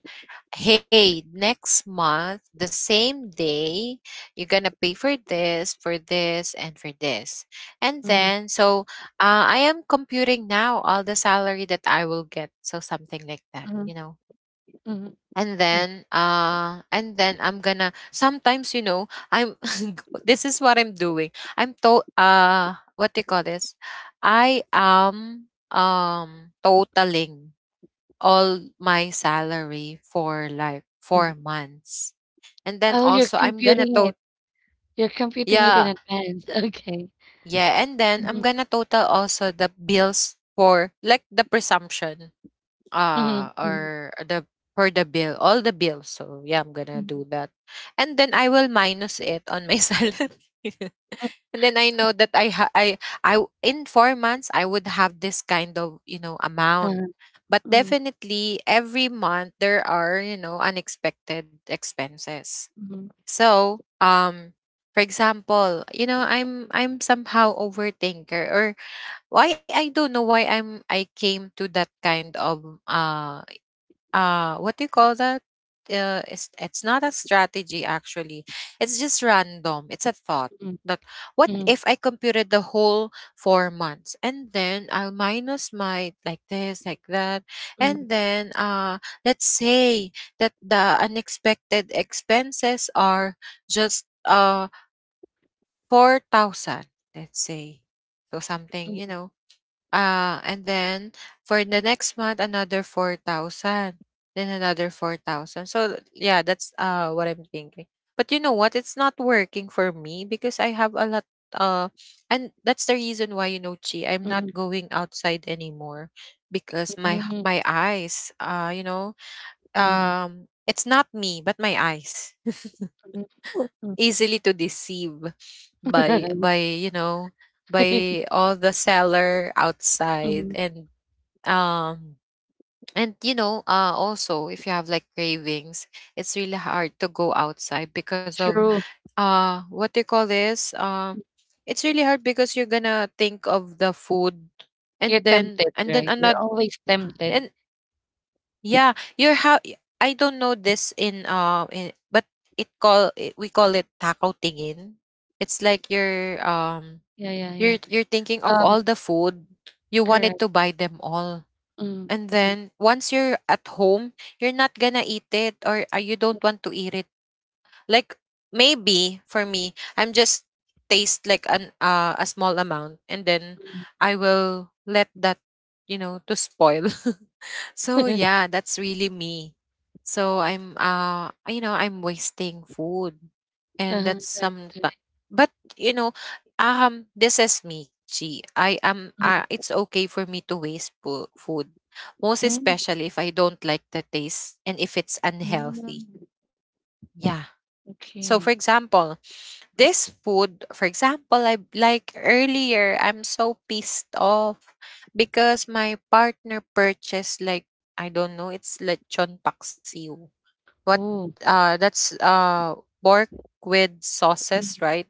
[SPEAKER 1] hey, next month, the same day, you're gonna pay for this, for this. And
[SPEAKER 2] Hmm.
[SPEAKER 1] then, so I am computing now all the salary that I will get. So something like that, you know.
[SPEAKER 2] Hmm.
[SPEAKER 1] And then I'm gonna. Sometimes, I'm. This is what I'm doing. I'm to. What do you call this? I am totaling all my salary for like four
[SPEAKER 2] Hmm.
[SPEAKER 1] months. And then
[SPEAKER 2] Oh, you're
[SPEAKER 1] also I'm gonna
[SPEAKER 2] computing it.
[SPEAKER 1] total.
[SPEAKER 2] You're computing it in
[SPEAKER 1] Yeah,
[SPEAKER 2] advance. Okay.
[SPEAKER 1] yeah. And then I'm
[SPEAKER 2] Mhm,
[SPEAKER 1] gonna total also the bills for like the presumption,
[SPEAKER 2] mhm, mhm,
[SPEAKER 1] or the for the bill, all the bills. So yeah, I'm gonna
[SPEAKER 2] mhm,
[SPEAKER 1] do that. And then I will minus it on my salary, and then I know that I ha- I w- in 4 months I would have this kind of, you know, amount. But
[SPEAKER 2] mhm,
[SPEAKER 1] definitely every month there are, you know, unexpected expenses.
[SPEAKER 2] mhm,
[SPEAKER 1] So for example, you know, I'm somehow overthinker, or why, I don't know why I came to that kind of, what do you call that? It's not a strategy actually, it's just random, it's a thought
[SPEAKER 2] mhm,
[SPEAKER 1] that what
[SPEAKER 2] mhm, mhm,
[SPEAKER 1] if I computed the whole 4 months and then I'll minus my, like this, like that. And
[SPEAKER 2] mhm,
[SPEAKER 1] then Let's say that the unexpected expenses are just 4,000, let's say. So something, you know. And then for the next month, another 4,000. Then another 4,000. So, yeah, that's what I'm thinking. But you know what? It's not working for me because I have a lot, uh and that's the reason why, you know, chi, I'm not
[SPEAKER 2] mhm,
[SPEAKER 1] going outside anymore because
[SPEAKER 2] mhm, mhm,
[SPEAKER 1] my eyes,
[SPEAKER 2] mhm,
[SPEAKER 1] it's not me but my eyes
[SPEAKER 2] mhm.
[SPEAKER 1] easily to deceive by by all the seller outside.
[SPEAKER 2] Mhm.
[SPEAKER 1] And um and you know, also if you have like cravings, it's really hard to go outside because of,
[SPEAKER 2] True.
[SPEAKER 1] what do you call this? It's really hard because you're gonna think of the food,
[SPEAKER 2] You're
[SPEAKER 1] and then
[SPEAKER 2] tempted,
[SPEAKER 1] and then
[SPEAKER 2] right? You're
[SPEAKER 1] another.
[SPEAKER 2] always tempted.
[SPEAKER 1] And yeah, you're how, I don't know this in, but it call it, we call it taco tingin. It's like you're,
[SPEAKER 2] Yeah, yeah, yeah.
[SPEAKER 1] you're, thinking of
[SPEAKER 2] Um,
[SPEAKER 1] all the food, you wanted
[SPEAKER 2] Correct.
[SPEAKER 1] to buy them all.
[SPEAKER 2] Mm,
[SPEAKER 1] And
[SPEAKER 2] mm,
[SPEAKER 1] then once you're at home, you're not gonna eat it, or you don't want to eat it. Like, maybe for me, I'm just taste like an a small amount, and then
[SPEAKER 2] mm.
[SPEAKER 1] I will let that, you know, to spoil. So yeah, that's really me. So I'm, I'm wasting food, and that's
[SPEAKER 2] Right,
[SPEAKER 1] some.
[SPEAKER 2] right.
[SPEAKER 1] But you know, this is me. Chi. I am,
[SPEAKER 2] Mm,
[SPEAKER 1] it's okay for me to waste food, most
[SPEAKER 2] mm,
[SPEAKER 1] especially if I don't like the taste and if it's unhealthy.
[SPEAKER 2] mm.
[SPEAKER 1] Yeah. So
[SPEAKER 2] Okay.
[SPEAKER 1] for example, this food, for example, I like earlier, I'm so pissed off because my partner purchased like, I don't know, it's lechon paksiw. What,
[SPEAKER 2] Oh,
[SPEAKER 1] that's pork with
[SPEAKER 2] mm,
[SPEAKER 1] sauces, right?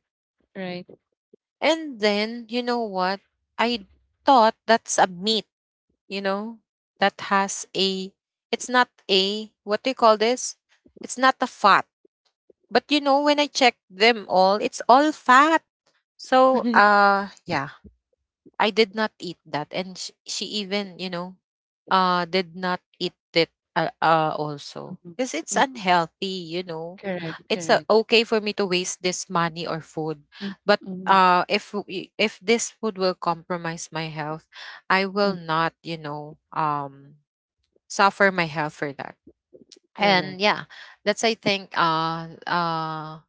[SPEAKER 2] right.
[SPEAKER 1] And then, you know what? I thought that's a meat, you know, that has a, it's not a, what do you call this? It's not a fat. But you know, when I checked them all, it's all fat. So, yeah, I did not eat that, and she even, you know, did not eat it, also
[SPEAKER 2] Mhm,
[SPEAKER 1] because it's
[SPEAKER 2] mhm.
[SPEAKER 1] unhealthy. You know,
[SPEAKER 2] Correct,
[SPEAKER 1] it's,
[SPEAKER 2] correct.
[SPEAKER 1] okay for me to waste this money or food,
[SPEAKER 2] Mm,
[SPEAKER 1] but
[SPEAKER 2] mm,
[SPEAKER 1] if if this food will compromise my health, I
[SPEAKER 2] mm.
[SPEAKER 1] will not, you know, suffer my health for that. And
[SPEAKER 2] Correct.
[SPEAKER 1] yeah, that's I think,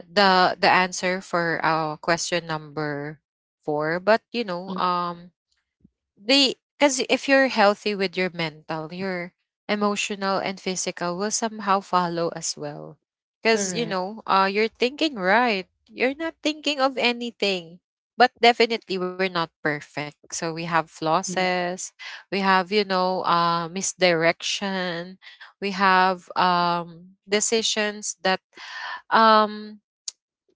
[SPEAKER 1] the answer for our question number four. But you know,
[SPEAKER 2] Mm,
[SPEAKER 1] they, because if you're healthy with your mental, your emotional and physical will somehow follow as well, because you
[SPEAKER 2] Correct.
[SPEAKER 1] know, you're thinking, right? You're not thinking of anything. But definitely we're not perfect, so we have
[SPEAKER 2] Mm,
[SPEAKER 1] flosses, we have, you know, misdirection, we have, decisions that, um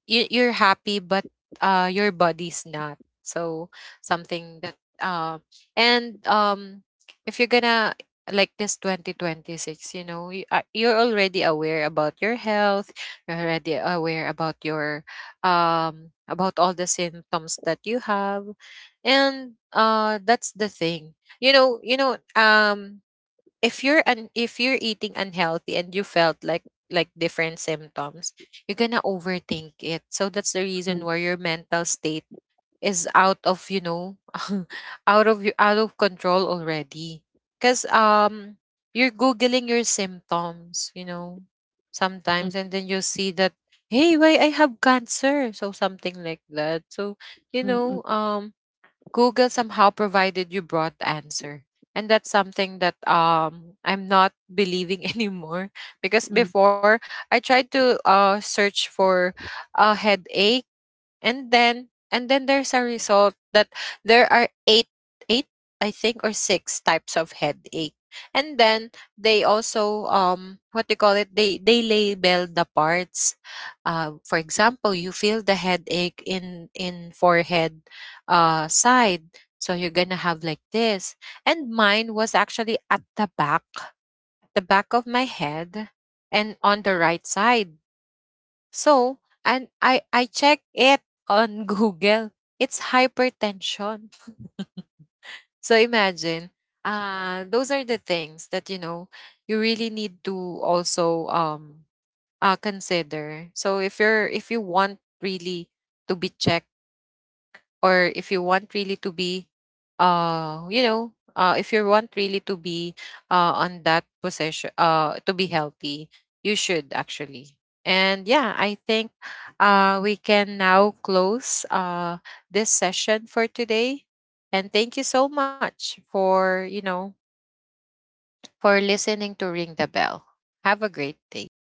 [SPEAKER 1] you, you're happy but, your body's not, so something that, and if you're gonna, like this 2026, you know, you, you're already aware about your health, you're already aware about your, about all the symptoms that you have. And that's the thing, you know, if you're if you're eating unhealthy and you felt like different symptoms, you're gonna overthink it, so that's the
[SPEAKER 2] mm,
[SPEAKER 1] reason why your mental state is out of, you know, out of your, out of control already, because you're googling your symptoms, you know, sometimes, and then you see that, hey, why I have cancer, so something like that. So you
[SPEAKER 2] Mm,
[SPEAKER 1] know,
[SPEAKER 2] mm.
[SPEAKER 1] Google somehow provided you broad answer. And that's something that I'm not believing anymore, because before I tried to search for a headache, and then there's a result that there are eight, eight I think, or six types of headache. And then they also, what do you call it, they label the parts, for example you feel the headache in forehead, side, so you're gonna have like this. And mine was actually at the back, the back of my head, and on the right side. So, and I check it on Google. It's hypertension. So imagine, those are the things that you know you really need to also, consider. So if you're, if you want really to be checked, or if you want really to be, if you want really to be on that position, to be healthy, you should actually. And yeah, I think we can now close this session for today, and thank you so much for, you know, for listening to Ring the Bell. Have a great day.